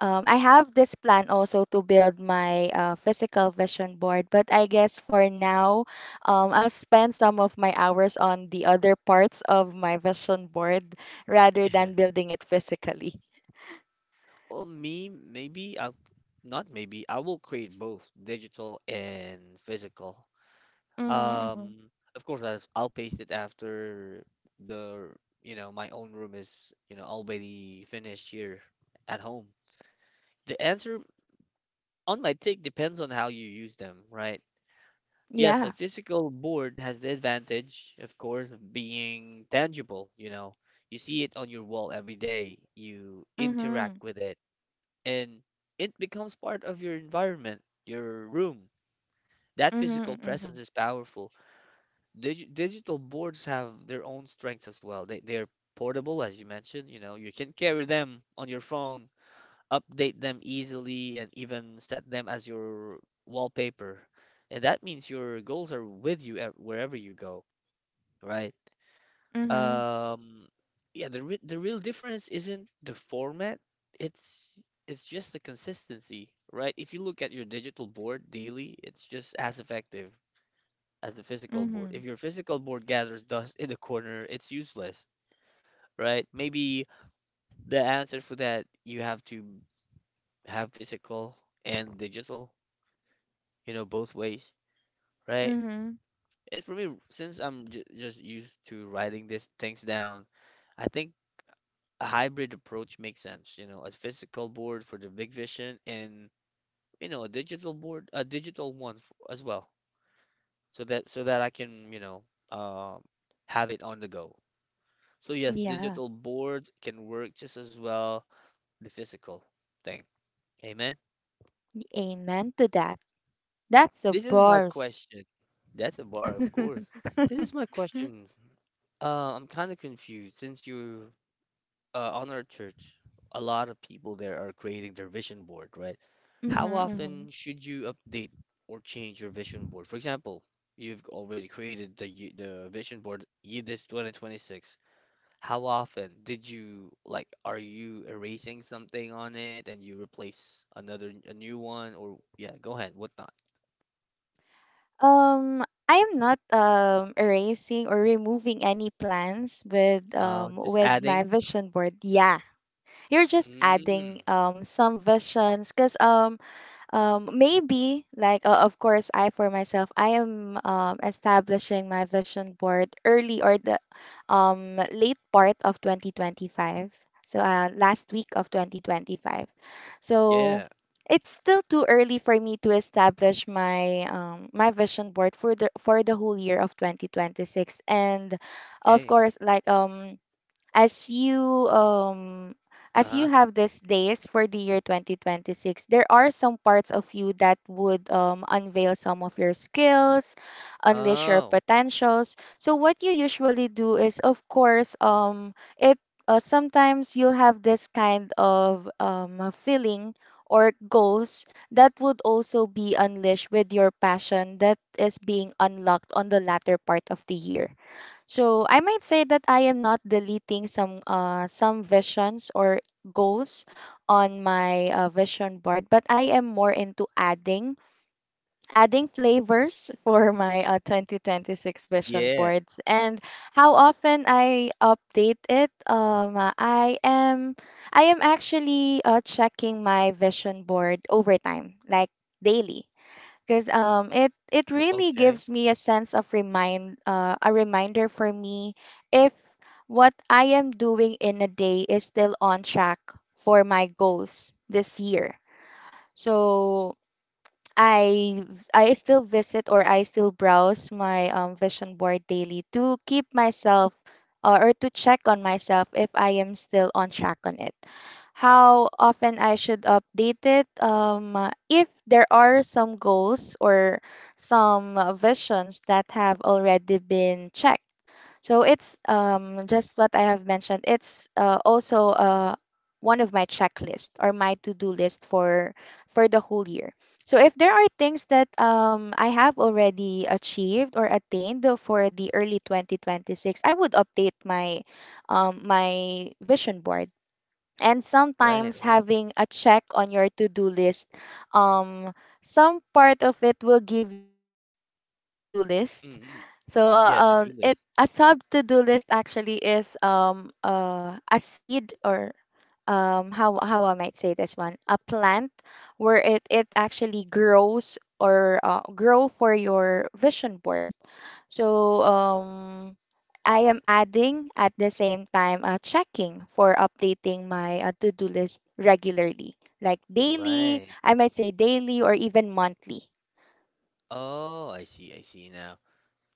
[SPEAKER 2] I have this plan also to build my, physical vision board, but I guess for now, I'll spend some of my hours on the other parts of my vision board, rather than building it physically.
[SPEAKER 1] Well, me, maybe I'll not maybe I will create both digital and physical.
[SPEAKER 2] Mm-hmm, mm-hmm.
[SPEAKER 1] Um, of course I'll paste it after the, you know, my own room is, you know, already finished here at home. The answer, on my take, depends on how you use them, right? Yes,
[SPEAKER 2] Yeah.
[SPEAKER 1] a physical board has the advantage, of course, of being tangible, you know. You see it on your wall every day, you
[SPEAKER 2] Mm-hmm.
[SPEAKER 1] interact with it, and it becomes part of your environment, your room. That physical
[SPEAKER 2] Mm-hmm.
[SPEAKER 1] presence is powerful. Digital boards have their own strengths as well. They're portable, as you mentioned, you know, you can carry them on your phone, update them easily, and even set them as your wallpaper. And that means your goals are with you wherever you go, right?
[SPEAKER 2] Mm-hmm.
[SPEAKER 1] Um, yeah, the real difference isn't the format, it's it's just the consistency, right? If you look at your digital board daily, it's just as effective as the physical
[SPEAKER 2] Mm-hmm.
[SPEAKER 1] board. If your physical board gathers dust in the corner, it's useless, right? Maybe the answer for that, you have to have physical and digital, you know, both ways, right?
[SPEAKER 2] Mm-hmm.
[SPEAKER 1] And for me, since I'm just used to writing these things down, I think a hybrid approach makes sense, you know, a physical board for the big vision and, you know, a digital board, a digital one f as well, so that I can, you know, um, have it on the go. So yes,
[SPEAKER 2] Yeah.
[SPEAKER 1] digital boards can work just as well the physical thing. Amen.
[SPEAKER 2] Amen to that. That's a
[SPEAKER 1] This is my
[SPEAKER 2] bars.
[SPEAKER 1] question. That's a bar, of course. This is my
[SPEAKER 2] Mm-hmm.
[SPEAKER 1] question. I'm kind of confused since you on our church, a lot of people there are creating their vision board, right? How
[SPEAKER 2] Mm-hmm.
[SPEAKER 1] often should you update or change your vision board? For example, you've already created the vision board year this 2026. How often did you like are you erasing something on it and you replace another a new one or yeah, go ahead, whatnot.
[SPEAKER 2] Um, I am not erasing or removing any plans
[SPEAKER 1] Just
[SPEAKER 2] with my
[SPEAKER 1] adding.
[SPEAKER 2] vision board. Yeah, you're just adding
[SPEAKER 1] Mm,
[SPEAKER 2] some visions because maybe like, of course, I for myself, I am, establishing my vision board early or the, late part of 2025, so, last week of 2025, so
[SPEAKER 1] yeah,
[SPEAKER 2] it's still too early for me to establish my, my vision board for the whole year of 2026. And of
[SPEAKER 1] okay.
[SPEAKER 2] course, like, as you um as
[SPEAKER 1] Uh-huh.
[SPEAKER 2] you have these days for the year 2026, there are some parts of you that would, unveil some of your skills, unleash your
[SPEAKER 1] Oh,
[SPEAKER 2] potentials. So what you usually do is, of course, it sometimes you'll have this kind of a feeling or goals that would also be unleashed with your passion that is being unlocked on the latter part of the year. So I might say that I am not deleting some visions or goals on my, vision board, but I am more into adding flavors for my, 2026 vision
[SPEAKER 1] yeah.
[SPEAKER 2] boards. And how often I update it? I am actually, checking my vision board over time, like daily, because it really
[SPEAKER 1] Okay.
[SPEAKER 2] gives me a sense of remind a reminder for me if what I am doing in a day is still on track for my goals this year. So I I still visit, or I still browse my, vision board daily to keep myself, or to check on myself if I am still on track on it. How often I should update it? If there are some goals or some, visions that have already been checked, so it's, just what I have mentioned. It's, also one of my checklist or my to-do list for the whole year. So if there are things that I have already achieved or attained for the early 2026, I would update my my vision board. And
[SPEAKER 1] Right,
[SPEAKER 2] sometimes
[SPEAKER 1] right.
[SPEAKER 2] having a check on your to-do list, um some part of it will give you a sub to-do list.
[SPEAKER 1] Mm-hmm.
[SPEAKER 2] so uh,
[SPEAKER 1] Yeah, to-do
[SPEAKER 2] it
[SPEAKER 1] list.
[SPEAKER 2] a sub to-do list actually is a seed or how I might say this one, a plant where it actually grows or grow for your vision board. So I am adding at the same time checking for updating my to-do list regularly, like daily.
[SPEAKER 1] Right.
[SPEAKER 2] I might say daily or even monthly.
[SPEAKER 1] Oh, I see now.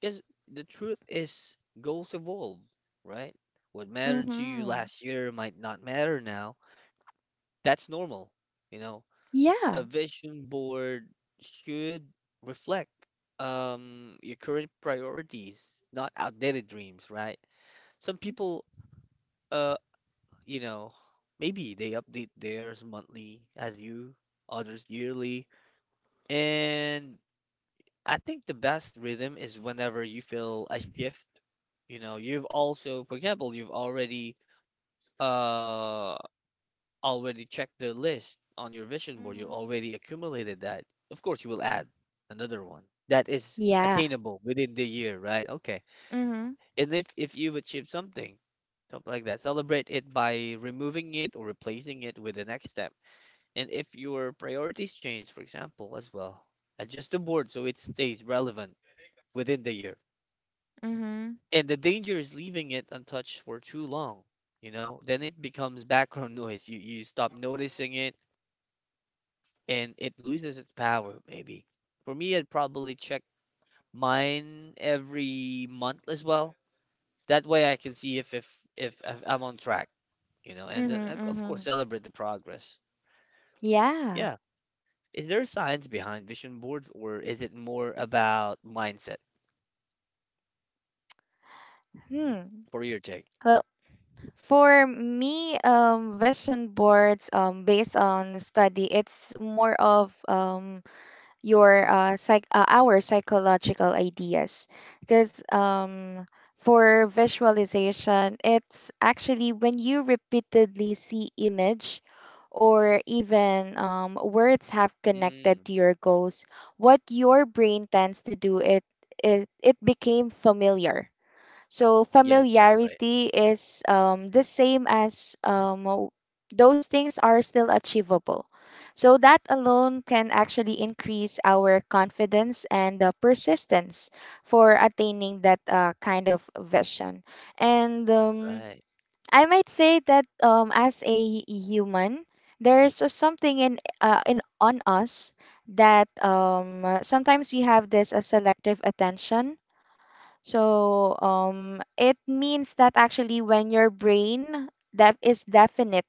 [SPEAKER 1] Because the truth is goals evolve, right? What mattered to you
[SPEAKER 2] Mm-hmm.
[SPEAKER 1] last year might not matter now. That's normal, you know. A
[SPEAKER 2] Yeah.
[SPEAKER 1] vision board should reflect your current priorities, not outdated dreams, right? Some people uh you know, maybe they update theirs monthly as you, others yearly. And I think the best rhythm is whenever you feel a shift. You know, you've also, for example, you've already uh already checked the list on your vision board. You
[SPEAKER 2] Mhm.
[SPEAKER 1] already accumulated that. Of course, you will add another one that is
[SPEAKER 2] Yeah.
[SPEAKER 1] attainable within the year, right? Okay.
[SPEAKER 2] Mhm.
[SPEAKER 1] And if you've achieved something, something like that, celebrate it by removing it or replacing it with the next step. And if your priorities change, for example, as well, adjust the board so it stays relevant within the year.
[SPEAKER 2] Mhm.
[SPEAKER 1] And the danger is leaving it untouched for too long, you know? Then it becomes background noise. You stop noticing it and it loses its power, maybe. For me, I'd probably check mine every month as well. That way I can see if I'm on track, you know, and then
[SPEAKER 2] Mhm.
[SPEAKER 1] of course
[SPEAKER 2] Mhm.
[SPEAKER 1] celebrate the progress.
[SPEAKER 2] Yeah.
[SPEAKER 1] Yeah. Is there science behind vision boards, or is it more about mindset
[SPEAKER 2] Hmm.
[SPEAKER 1] for your take?
[SPEAKER 2] Well, for me, vision boards, based on study, it's more of your psych our psychological ideas, because for visualization it's actually when you repeatedly see image or even words have connected
[SPEAKER 1] Mm,
[SPEAKER 2] to your goals. What your brain tends to do, it became familiar. So
[SPEAKER 1] yes, right, right,
[SPEAKER 2] familiarity is the same as those things are still achievable. So that alone can actually increase our confidence and persistence for attaining that kind of vision. And
[SPEAKER 1] right,
[SPEAKER 2] I might say that as a human, there's something in on us, that sometimes we have this selective attention. So it means that actually when your brain that is definite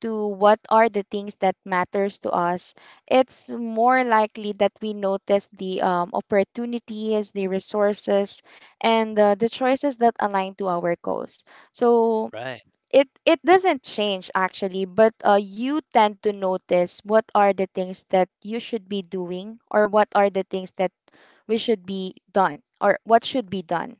[SPEAKER 2] to what are the things that matters to us, it's more likely that we notice the opportunities, the resources, and the choices that align to our goals. So
[SPEAKER 1] right,
[SPEAKER 2] it doesn't change actually, but you tend to notice what are the things that you should be doing, or what are the things that we should be done, or what should be done.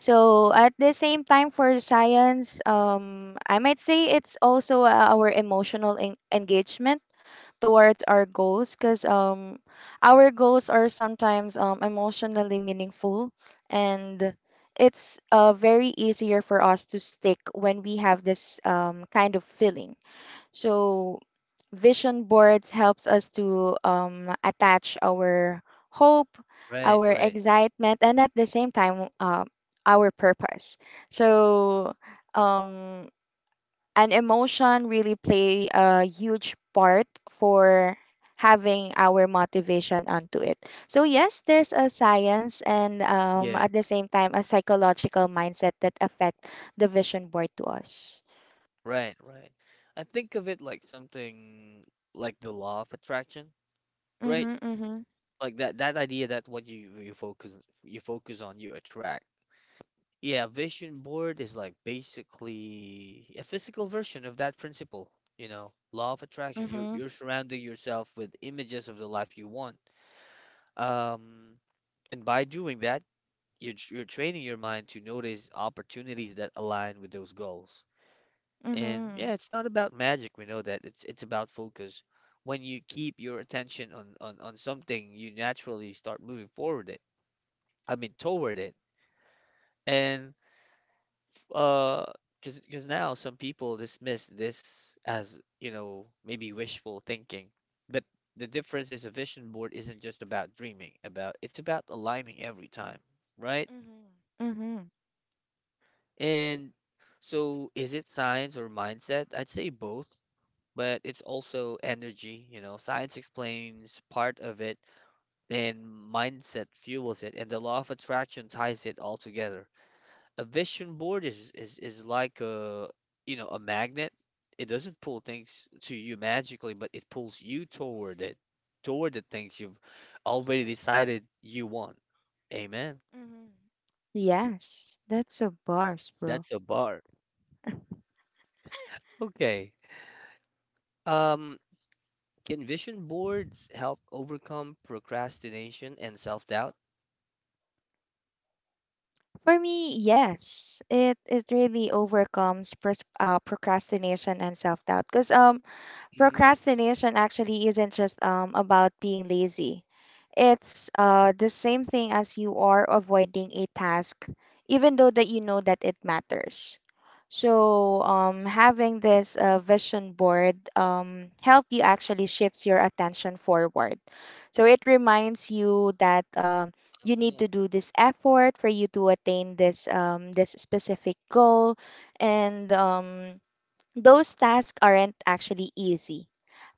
[SPEAKER 2] So at the same time for science, I might say it's also our engagement towards our goals, because our goals are sometimes emotionally meaningful, and it's very easier for us to stick when we have this kind of feeling. So vision boards helps us to attach our hope,
[SPEAKER 1] right,
[SPEAKER 2] our
[SPEAKER 1] right.
[SPEAKER 2] excitement, and at the same time our purpose. So um, an emotion really play a huge part for having our motivation onto it. So yes, there's a science and
[SPEAKER 1] Yeah,
[SPEAKER 2] at the same time a psychological mindset that affect the vision board to us.
[SPEAKER 1] right, right. I think of it like something like the law of attraction, right?
[SPEAKER 2] Mm-hmm, mm-hmm,
[SPEAKER 1] Like that idea that what you focus on, you attract. Yeah, vision board is like basically a physical version of that principle, you know, law of attraction. You're
[SPEAKER 2] mm-hmm,
[SPEAKER 1] you're surrounding yourself with images of the life you want. Um, and by doing that, you're training your mind to notice opportunities that align with those goals. And
[SPEAKER 2] mm-hmm.
[SPEAKER 1] yeah, it's not about magic. We know that. It's about focus. When you keep your attention on, on something, you naturally start moving forward it. I mean, toward it. And uh, because now some people dismiss this as, you know, maybe wishful thinking. But the difference is a vision board isn't just about dreaming, about it's about aligning every time, right?
[SPEAKER 2] Mhm. Mhm.
[SPEAKER 1] And so, is it science or mindset? I'd say both, but it's also energy. You know, science explains part of it, and mindset fuels it, and the law of attraction ties it all together. A vision board is like a you know a magnet. It doesn't pull things to you magically, but it pulls you toward it, toward the things you've already decided you want. Amen.
[SPEAKER 2] Mhm. Yes, that's a bars, bro.
[SPEAKER 1] That's a bar. Okay. Um, Can vision boards help overcome procrastination and self-doubt?
[SPEAKER 2] For me, yes, it really overcomes pros procrastination and self doubt. Cause
[SPEAKER 1] Mm.
[SPEAKER 2] procrastination actually isn't just about being lazy. It's the same thing as you are avoiding a task, even though that you know that it matters. So having this vision board help you actually shifts your attention forward. So it reminds you that you need to
[SPEAKER 1] Oh,
[SPEAKER 2] do this effort for you to attain this specific goal, and those tasks aren't actually easy.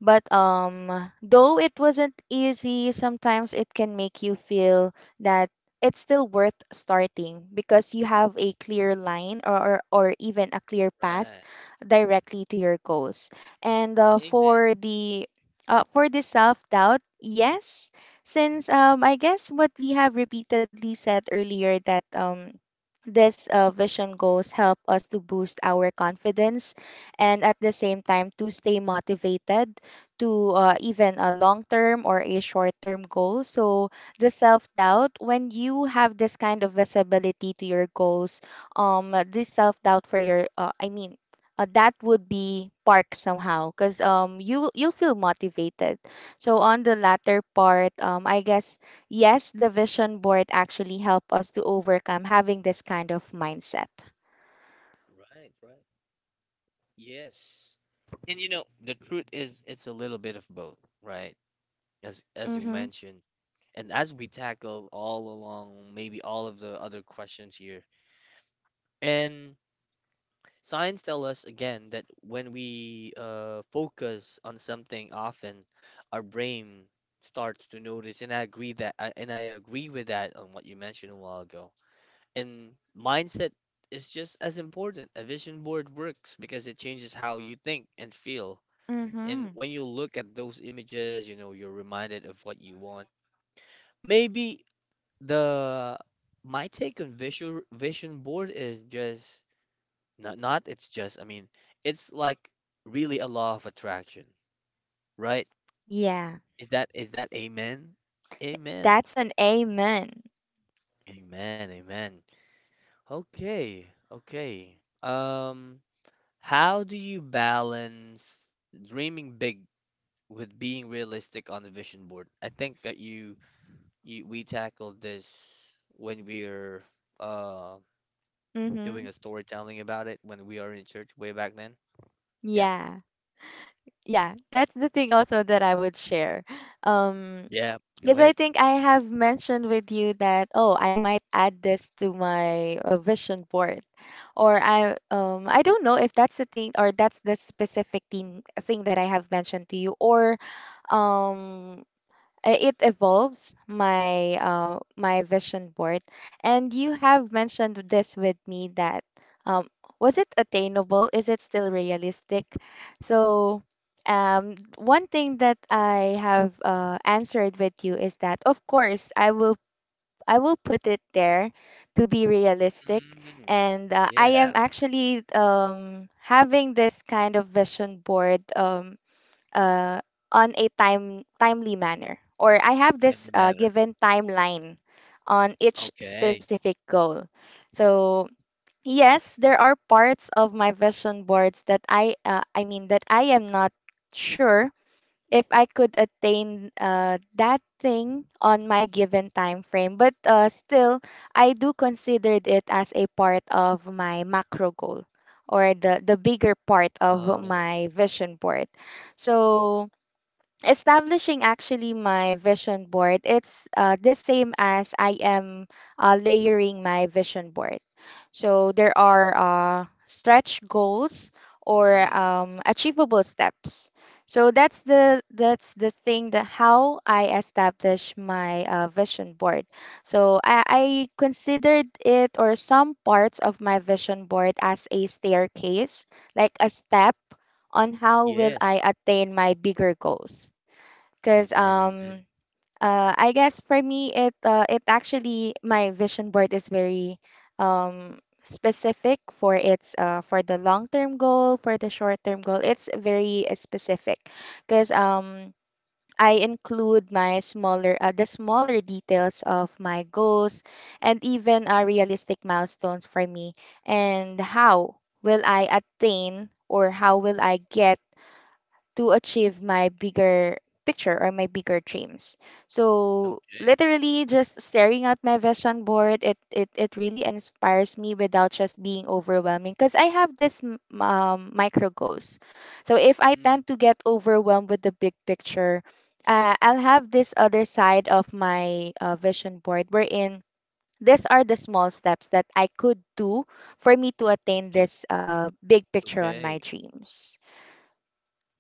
[SPEAKER 2] But though it wasn't easy, sometimes it can make you feel that it's still worth starting, because you have a clear line, or even a clear path
[SPEAKER 1] right.
[SPEAKER 2] directly to your goals. And
[SPEAKER 1] Amen.
[SPEAKER 2] for the self doubt, yes, since I guess what we have repeatedly said earlier, that this vision goals help us to boost our confidence and at the same time to stay motivated to, even a long term or a short term goal. So the self doubt, when you have this kind of visibility to your goals, this self doubt for your, I mean, that would be park somehow, because you you'll feel motivated. So on the latter part, I guess yes, the vision board actually help us to overcome having this kind of mindset.
[SPEAKER 1] Right, right. Yes. And you know, the truth is it's a little bit of both, right? As you
[SPEAKER 2] Mm-hmm.
[SPEAKER 1] mentioned, and as we tackle all along, maybe all of the other questions here. And science tell us again that when we focus on something often, our brain starts to notice, and I agree that, I, and I agree with that on what you mentioned a while ago. And mindset is just as important. A vision board works because it changes how you think and feel. And
[SPEAKER 2] Mm-hmm.
[SPEAKER 1] when you look at those images, you know, you're reminded of what you want. Maybe the my take on visual vision board is just not it's just, I mean, it's like really a law of attraction, right?
[SPEAKER 2] Yeah.
[SPEAKER 1] Is that amen? Amen.
[SPEAKER 2] That's an amen.
[SPEAKER 1] Amen. Amen. Okay. Okay. How do you balance dreaming big with being realistic on the vision board? I think that you we tackled this when we are uh doing
[SPEAKER 2] Mm-hmm.
[SPEAKER 1] a storytelling about it when we are in church way back then. Yep.
[SPEAKER 2] Yeah. Yeah. That's the thing also that I would share. Um,
[SPEAKER 1] Yeah. Go
[SPEAKER 2] because I
[SPEAKER 1] ahead.
[SPEAKER 2] think I have mentioned with you that, oh, I might add this to my vision board. Or I don't know if that's the thing, or that's the specific thing that I have mentioned to you, or um it evolves my my vision board. And you have mentioned this with me, that um, was it attainable, is it still realistic? So one thing that I have answered with you is that of course I will, I will put it there to be realistic.
[SPEAKER 1] Mm,
[SPEAKER 2] And I am
[SPEAKER 1] yeah.
[SPEAKER 2] actually having this kind of vision board uh, on a timely manner, or I have
[SPEAKER 1] Time
[SPEAKER 2] this
[SPEAKER 1] to matter.
[SPEAKER 2] given timeline on each
[SPEAKER 1] Okay.
[SPEAKER 2] specific goal. So yes, there are parts of my vision boards that I mean that I am not sure if I could attain that thing on my given time frame, but still I do consider it as a part of my macro goal, or the bigger part of
[SPEAKER 1] Oh.
[SPEAKER 2] my vision board. So establishing actually my vision board, it's the same as I am layering my vision board. So there are stretch goals or
[SPEAKER 1] Mm.
[SPEAKER 2] achievable steps. So that's the, that's the thing that how I establish my vision board. So I considered it, or some parts of my vision board, as a staircase, like a step on how will
[SPEAKER 1] Yes.
[SPEAKER 2] I attain my bigger goals. Cause
[SPEAKER 1] Amen. Amen.
[SPEAKER 2] I guess for me, it it actually, my vision board is very um specific for its for the long term goal, for the short term goal. It's very specific because I include my smaller the smaller details of my goals, and even realistic milestones for me, and how will I attain, or how will I get to achieve my bigger picture or my bigger dreams. So
[SPEAKER 1] Okay.
[SPEAKER 2] literally just staring at my vision board, it really inspires me without just being overwhelming, because I have this micro goals. So if I
[SPEAKER 1] Mm.
[SPEAKER 2] tend to get overwhelmed with the big picture, I'll have this other side of my vision board, wherein these are the small steps that I could do for me to attain
[SPEAKER 1] Okay.
[SPEAKER 2] this big picture on my
[SPEAKER 1] Okay.
[SPEAKER 2] dreams.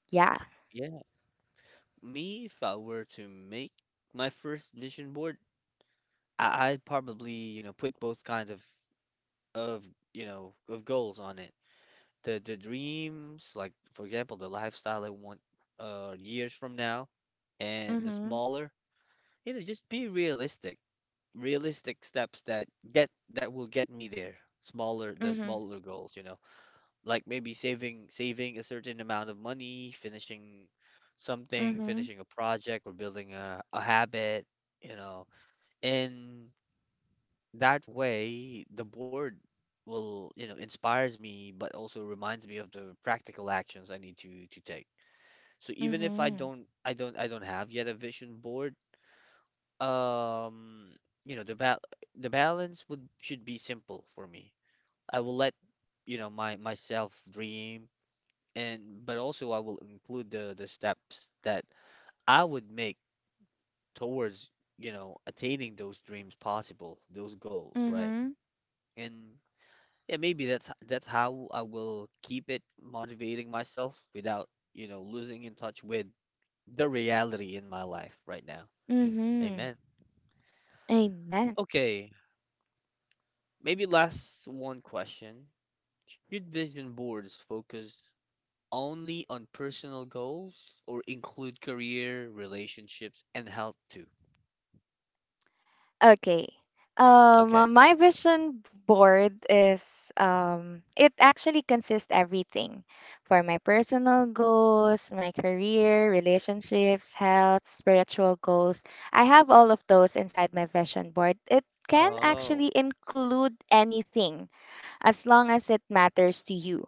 [SPEAKER 2] Yeah.
[SPEAKER 1] Yeah. Me, if I were to make my first vision board, I'd probably, you know, put both kinds of you know of goals on it. The dreams, like for example, the lifestyle I want years from now, and the
[SPEAKER 2] Mm-hmm.
[SPEAKER 1] smaller, you know, just be realistic. Realistic steps that get that will get me there. Smaller, the
[SPEAKER 2] Mhm.
[SPEAKER 1] smaller goals, you know. Like maybe saving a certain amount of money, finishing something,
[SPEAKER 2] Mhm.
[SPEAKER 1] finishing a project or building a habit, you know. In that way, the board will, you know, inspires me but also reminds me of the practical actions I need to take. So even if I
[SPEAKER 2] Mhm.
[SPEAKER 1] don't I don't I don't have yet a vision board, um, you know, the balance would should be simple for me. I will let you know my myself dream and but also I will include the steps that I would make towards, you know, attaining those dreams possible, those goals, right?
[SPEAKER 2] Mhm.
[SPEAKER 1] And yeah, maybe that's that's how I will keep it motivating myself without, you know, losing in touch with the reality in my life right now.
[SPEAKER 2] Mhm.
[SPEAKER 1] Amen.
[SPEAKER 2] Amen.
[SPEAKER 1] Okay, maybe last one question. Should vision boards focus only on personal goals or include career, relationships, and health too?
[SPEAKER 2] Okay.
[SPEAKER 1] Okay.
[SPEAKER 2] My vision board is, it actually consists everything for my personal goals, my career, relationships, health, spiritual goals. I have all of those inside my vision board. It can
[SPEAKER 1] Oh,
[SPEAKER 2] actually include anything, as long as it matters to you.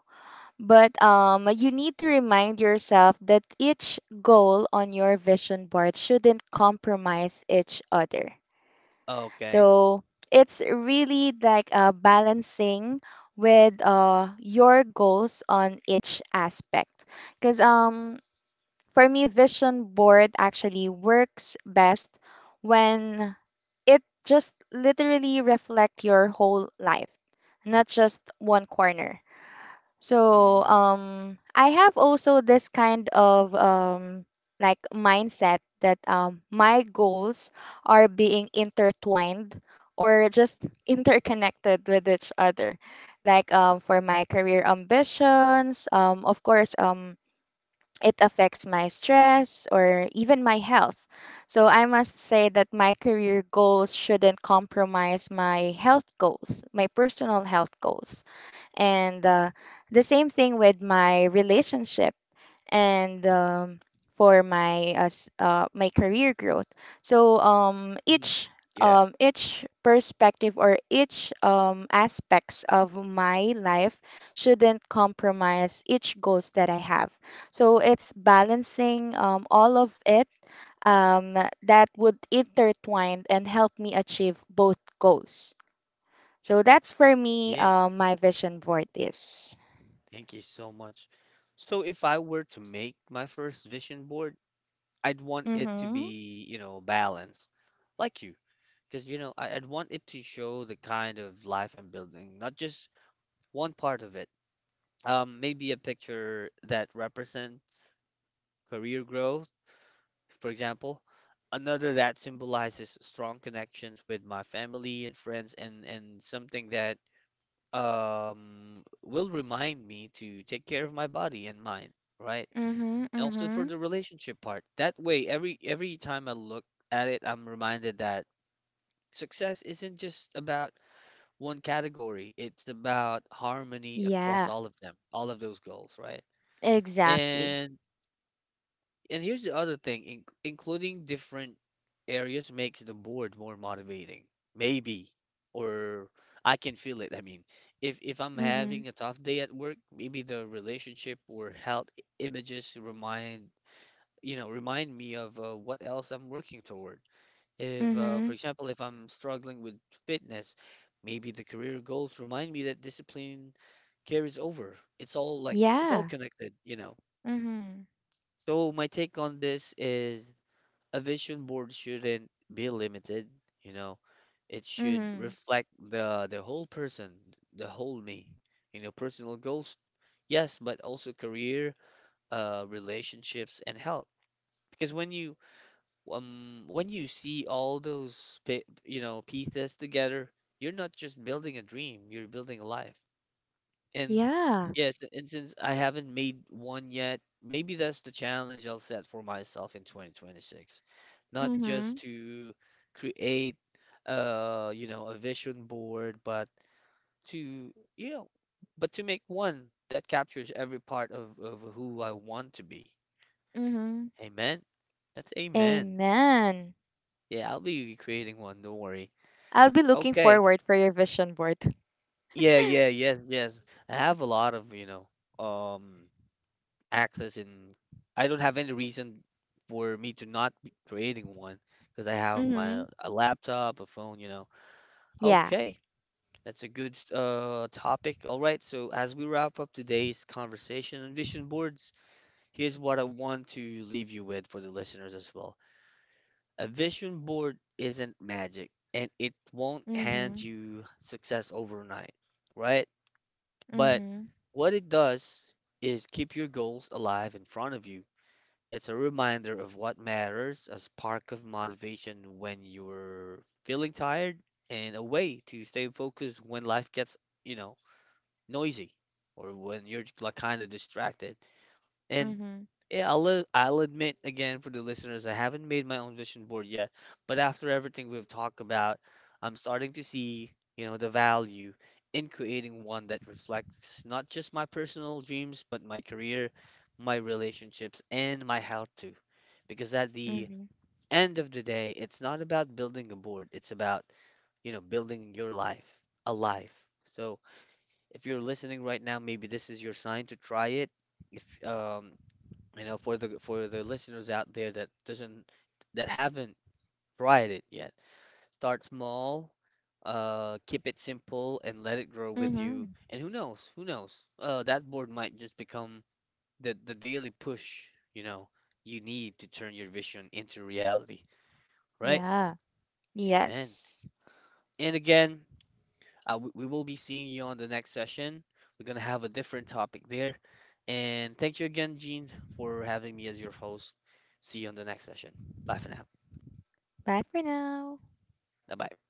[SPEAKER 2] But you need to remind yourself that each goal on your vision board shouldn't compromise each other.
[SPEAKER 1] okay.
[SPEAKER 2] So it's really like balancing with your goals on each aspect. Because for me, vision board actually works best when it just literally reflect your whole life, not just one corner. So
[SPEAKER 1] Mm,
[SPEAKER 2] I have also this kind of like mindset that my goals are being intertwined, or just interconnected with each other. Like for my career ambitions, of course it affects my stress or even my health. So I must say that my career goals shouldn't compromise my health goals, my personal health goals, and the same thing with my relationship, and for my my career growth. So
[SPEAKER 1] mm. Yeah,
[SPEAKER 2] each perspective, or each aspects of my life shouldn't compromise each goals that I have. So it's balancing all of it, um, that would intertwine and help me achieve both goals. So that's for me,
[SPEAKER 1] yeah.
[SPEAKER 2] my vision for this.
[SPEAKER 1] Thank you so much. So if I were to make my first vision board, I'd want it to
[SPEAKER 2] Mm-hmm.
[SPEAKER 1] be, you know, balanced, like you, because you know, I'd want it to show the kind of life I'm building, not just one part of it. Maybe a picture that represents career growth, for example. Another that symbolizes strong connections with my family and friends, and something that will remind me to take care of my body and mind, right?
[SPEAKER 2] Mm-hmm.
[SPEAKER 1] And also for
[SPEAKER 2] Mm-hmm.
[SPEAKER 1] the relationship part. That way, every time I look at it, I'm reminded that success isn't just about one category. It's about harmony across
[SPEAKER 2] Yeah,
[SPEAKER 1] all of them, all of those goals, right?
[SPEAKER 2] exactly.
[SPEAKER 1] And And here's the other thing, including different areas makes the board more motivating. Maybe, or I can feel it. I mean, if I'm
[SPEAKER 2] Mm-hmm.
[SPEAKER 1] having a tough day at work, maybe the relationship or images remind, you know, remind me of what else I'm working toward. If,
[SPEAKER 2] Mm-hmm.
[SPEAKER 1] for example, if I'm struggling with fitness, maybe the career goals remind me that discipline carries over. It's all like it's all
[SPEAKER 2] Yeah.
[SPEAKER 1] connected, you know.
[SPEAKER 2] Mm-hmm.
[SPEAKER 1] So my take on this is a vision board shouldn't be limited, you know. It should
[SPEAKER 2] Mm-hmm.
[SPEAKER 1] reflect the whole person, the whole me. You know, personal goals, yes, but also career, relationships, and health. Because when you see all those you know pieces together, you're not just building a dream, you're building a life. And
[SPEAKER 2] Yeah.
[SPEAKER 1] yes, and since I haven't made one yet, maybe that's the challenge I'll set for myself in 2026. Not
[SPEAKER 2] Mm-hmm.
[SPEAKER 1] just to create you know, a vision board, but to, you know, but to make one that captures every part of who I want to be.
[SPEAKER 2] Mm-hmm.
[SPEAKER 1] Amen. That's amen.
[SPEAKER 2] Amen.
[SPEAKER 1] Yeah, I'll be creating one, don't worry.
[SPEAKER 2] I'll be looking
[SPEAKER 1] Okay.
[SPEAKER 2] forward for your vision board.
[SPEAKER 1] Yeah, yeah, yes, yes. I have a lot of, you know, um access and I don't have any reason for me to not be creating one because I have
[SPEAKER 2] Mm-hmm.
[SPEAKER 1] my a laptop, a phone, you know.
[SPEAKER 2] Yeah.
[SPEAKER 1] Okay, that's a good topic. All right, so as we wrap up today's conversation on vision boards, here's what I want to leave you with for the listeners as well. A vision board isn't magic and it won't hand
[SPEAKER 2] Mm-hmm.
[SPEAKER 1] you success overnight, right? But
[SPEAKER 2] Mm-hmm.
[SPEAKER 1] what it does is keep your goals alive in front of you. It's a reminder of what matters, a spark of motivation when you're feeling tired, and a way to stay focused when life gets, you know, noisy or when you're like kind of distracted. And
[SPEAKER 2] Mm-hmm.
[SPEAKER 1] yeah, I'll admit again for the listeners, I haven't made my own vision board yet, but after everything we've talked about, I'm starting to see, you know, the value in creating one that reflects not just my personal dreams, but my career, my relationships, and my health too. Because at the
[SPEAKER 2] Hmm.
[SPEAKER 1] end of the day, it's not about building a board, it's about, you know, building your life, a life. So if you're listening right now, maybe this is your sign to try it if you know for the listeners out there that doesn't that haven't tried it yet, start small, keep it simple and let it grow with
[SPEAKER 2] Mm-hmm.
[SPEAKER 1] you, and who knows that board might just become the daily push, you know, you need to turn your vision into reality, right?
[SPEAKER 2] Yeah.
[SPEAKER 1] Amen.
[SPEAKER 2] Yes.
[SPEAKER 1] And again, we will be seeing you on the next session. We're going to have a different topic there. And thank you again, Gene, for having me as your host. See you on the next session. Bye for now.
[SPEAKER 2] Bye for now.
[SPEAKER 1] Bye bye.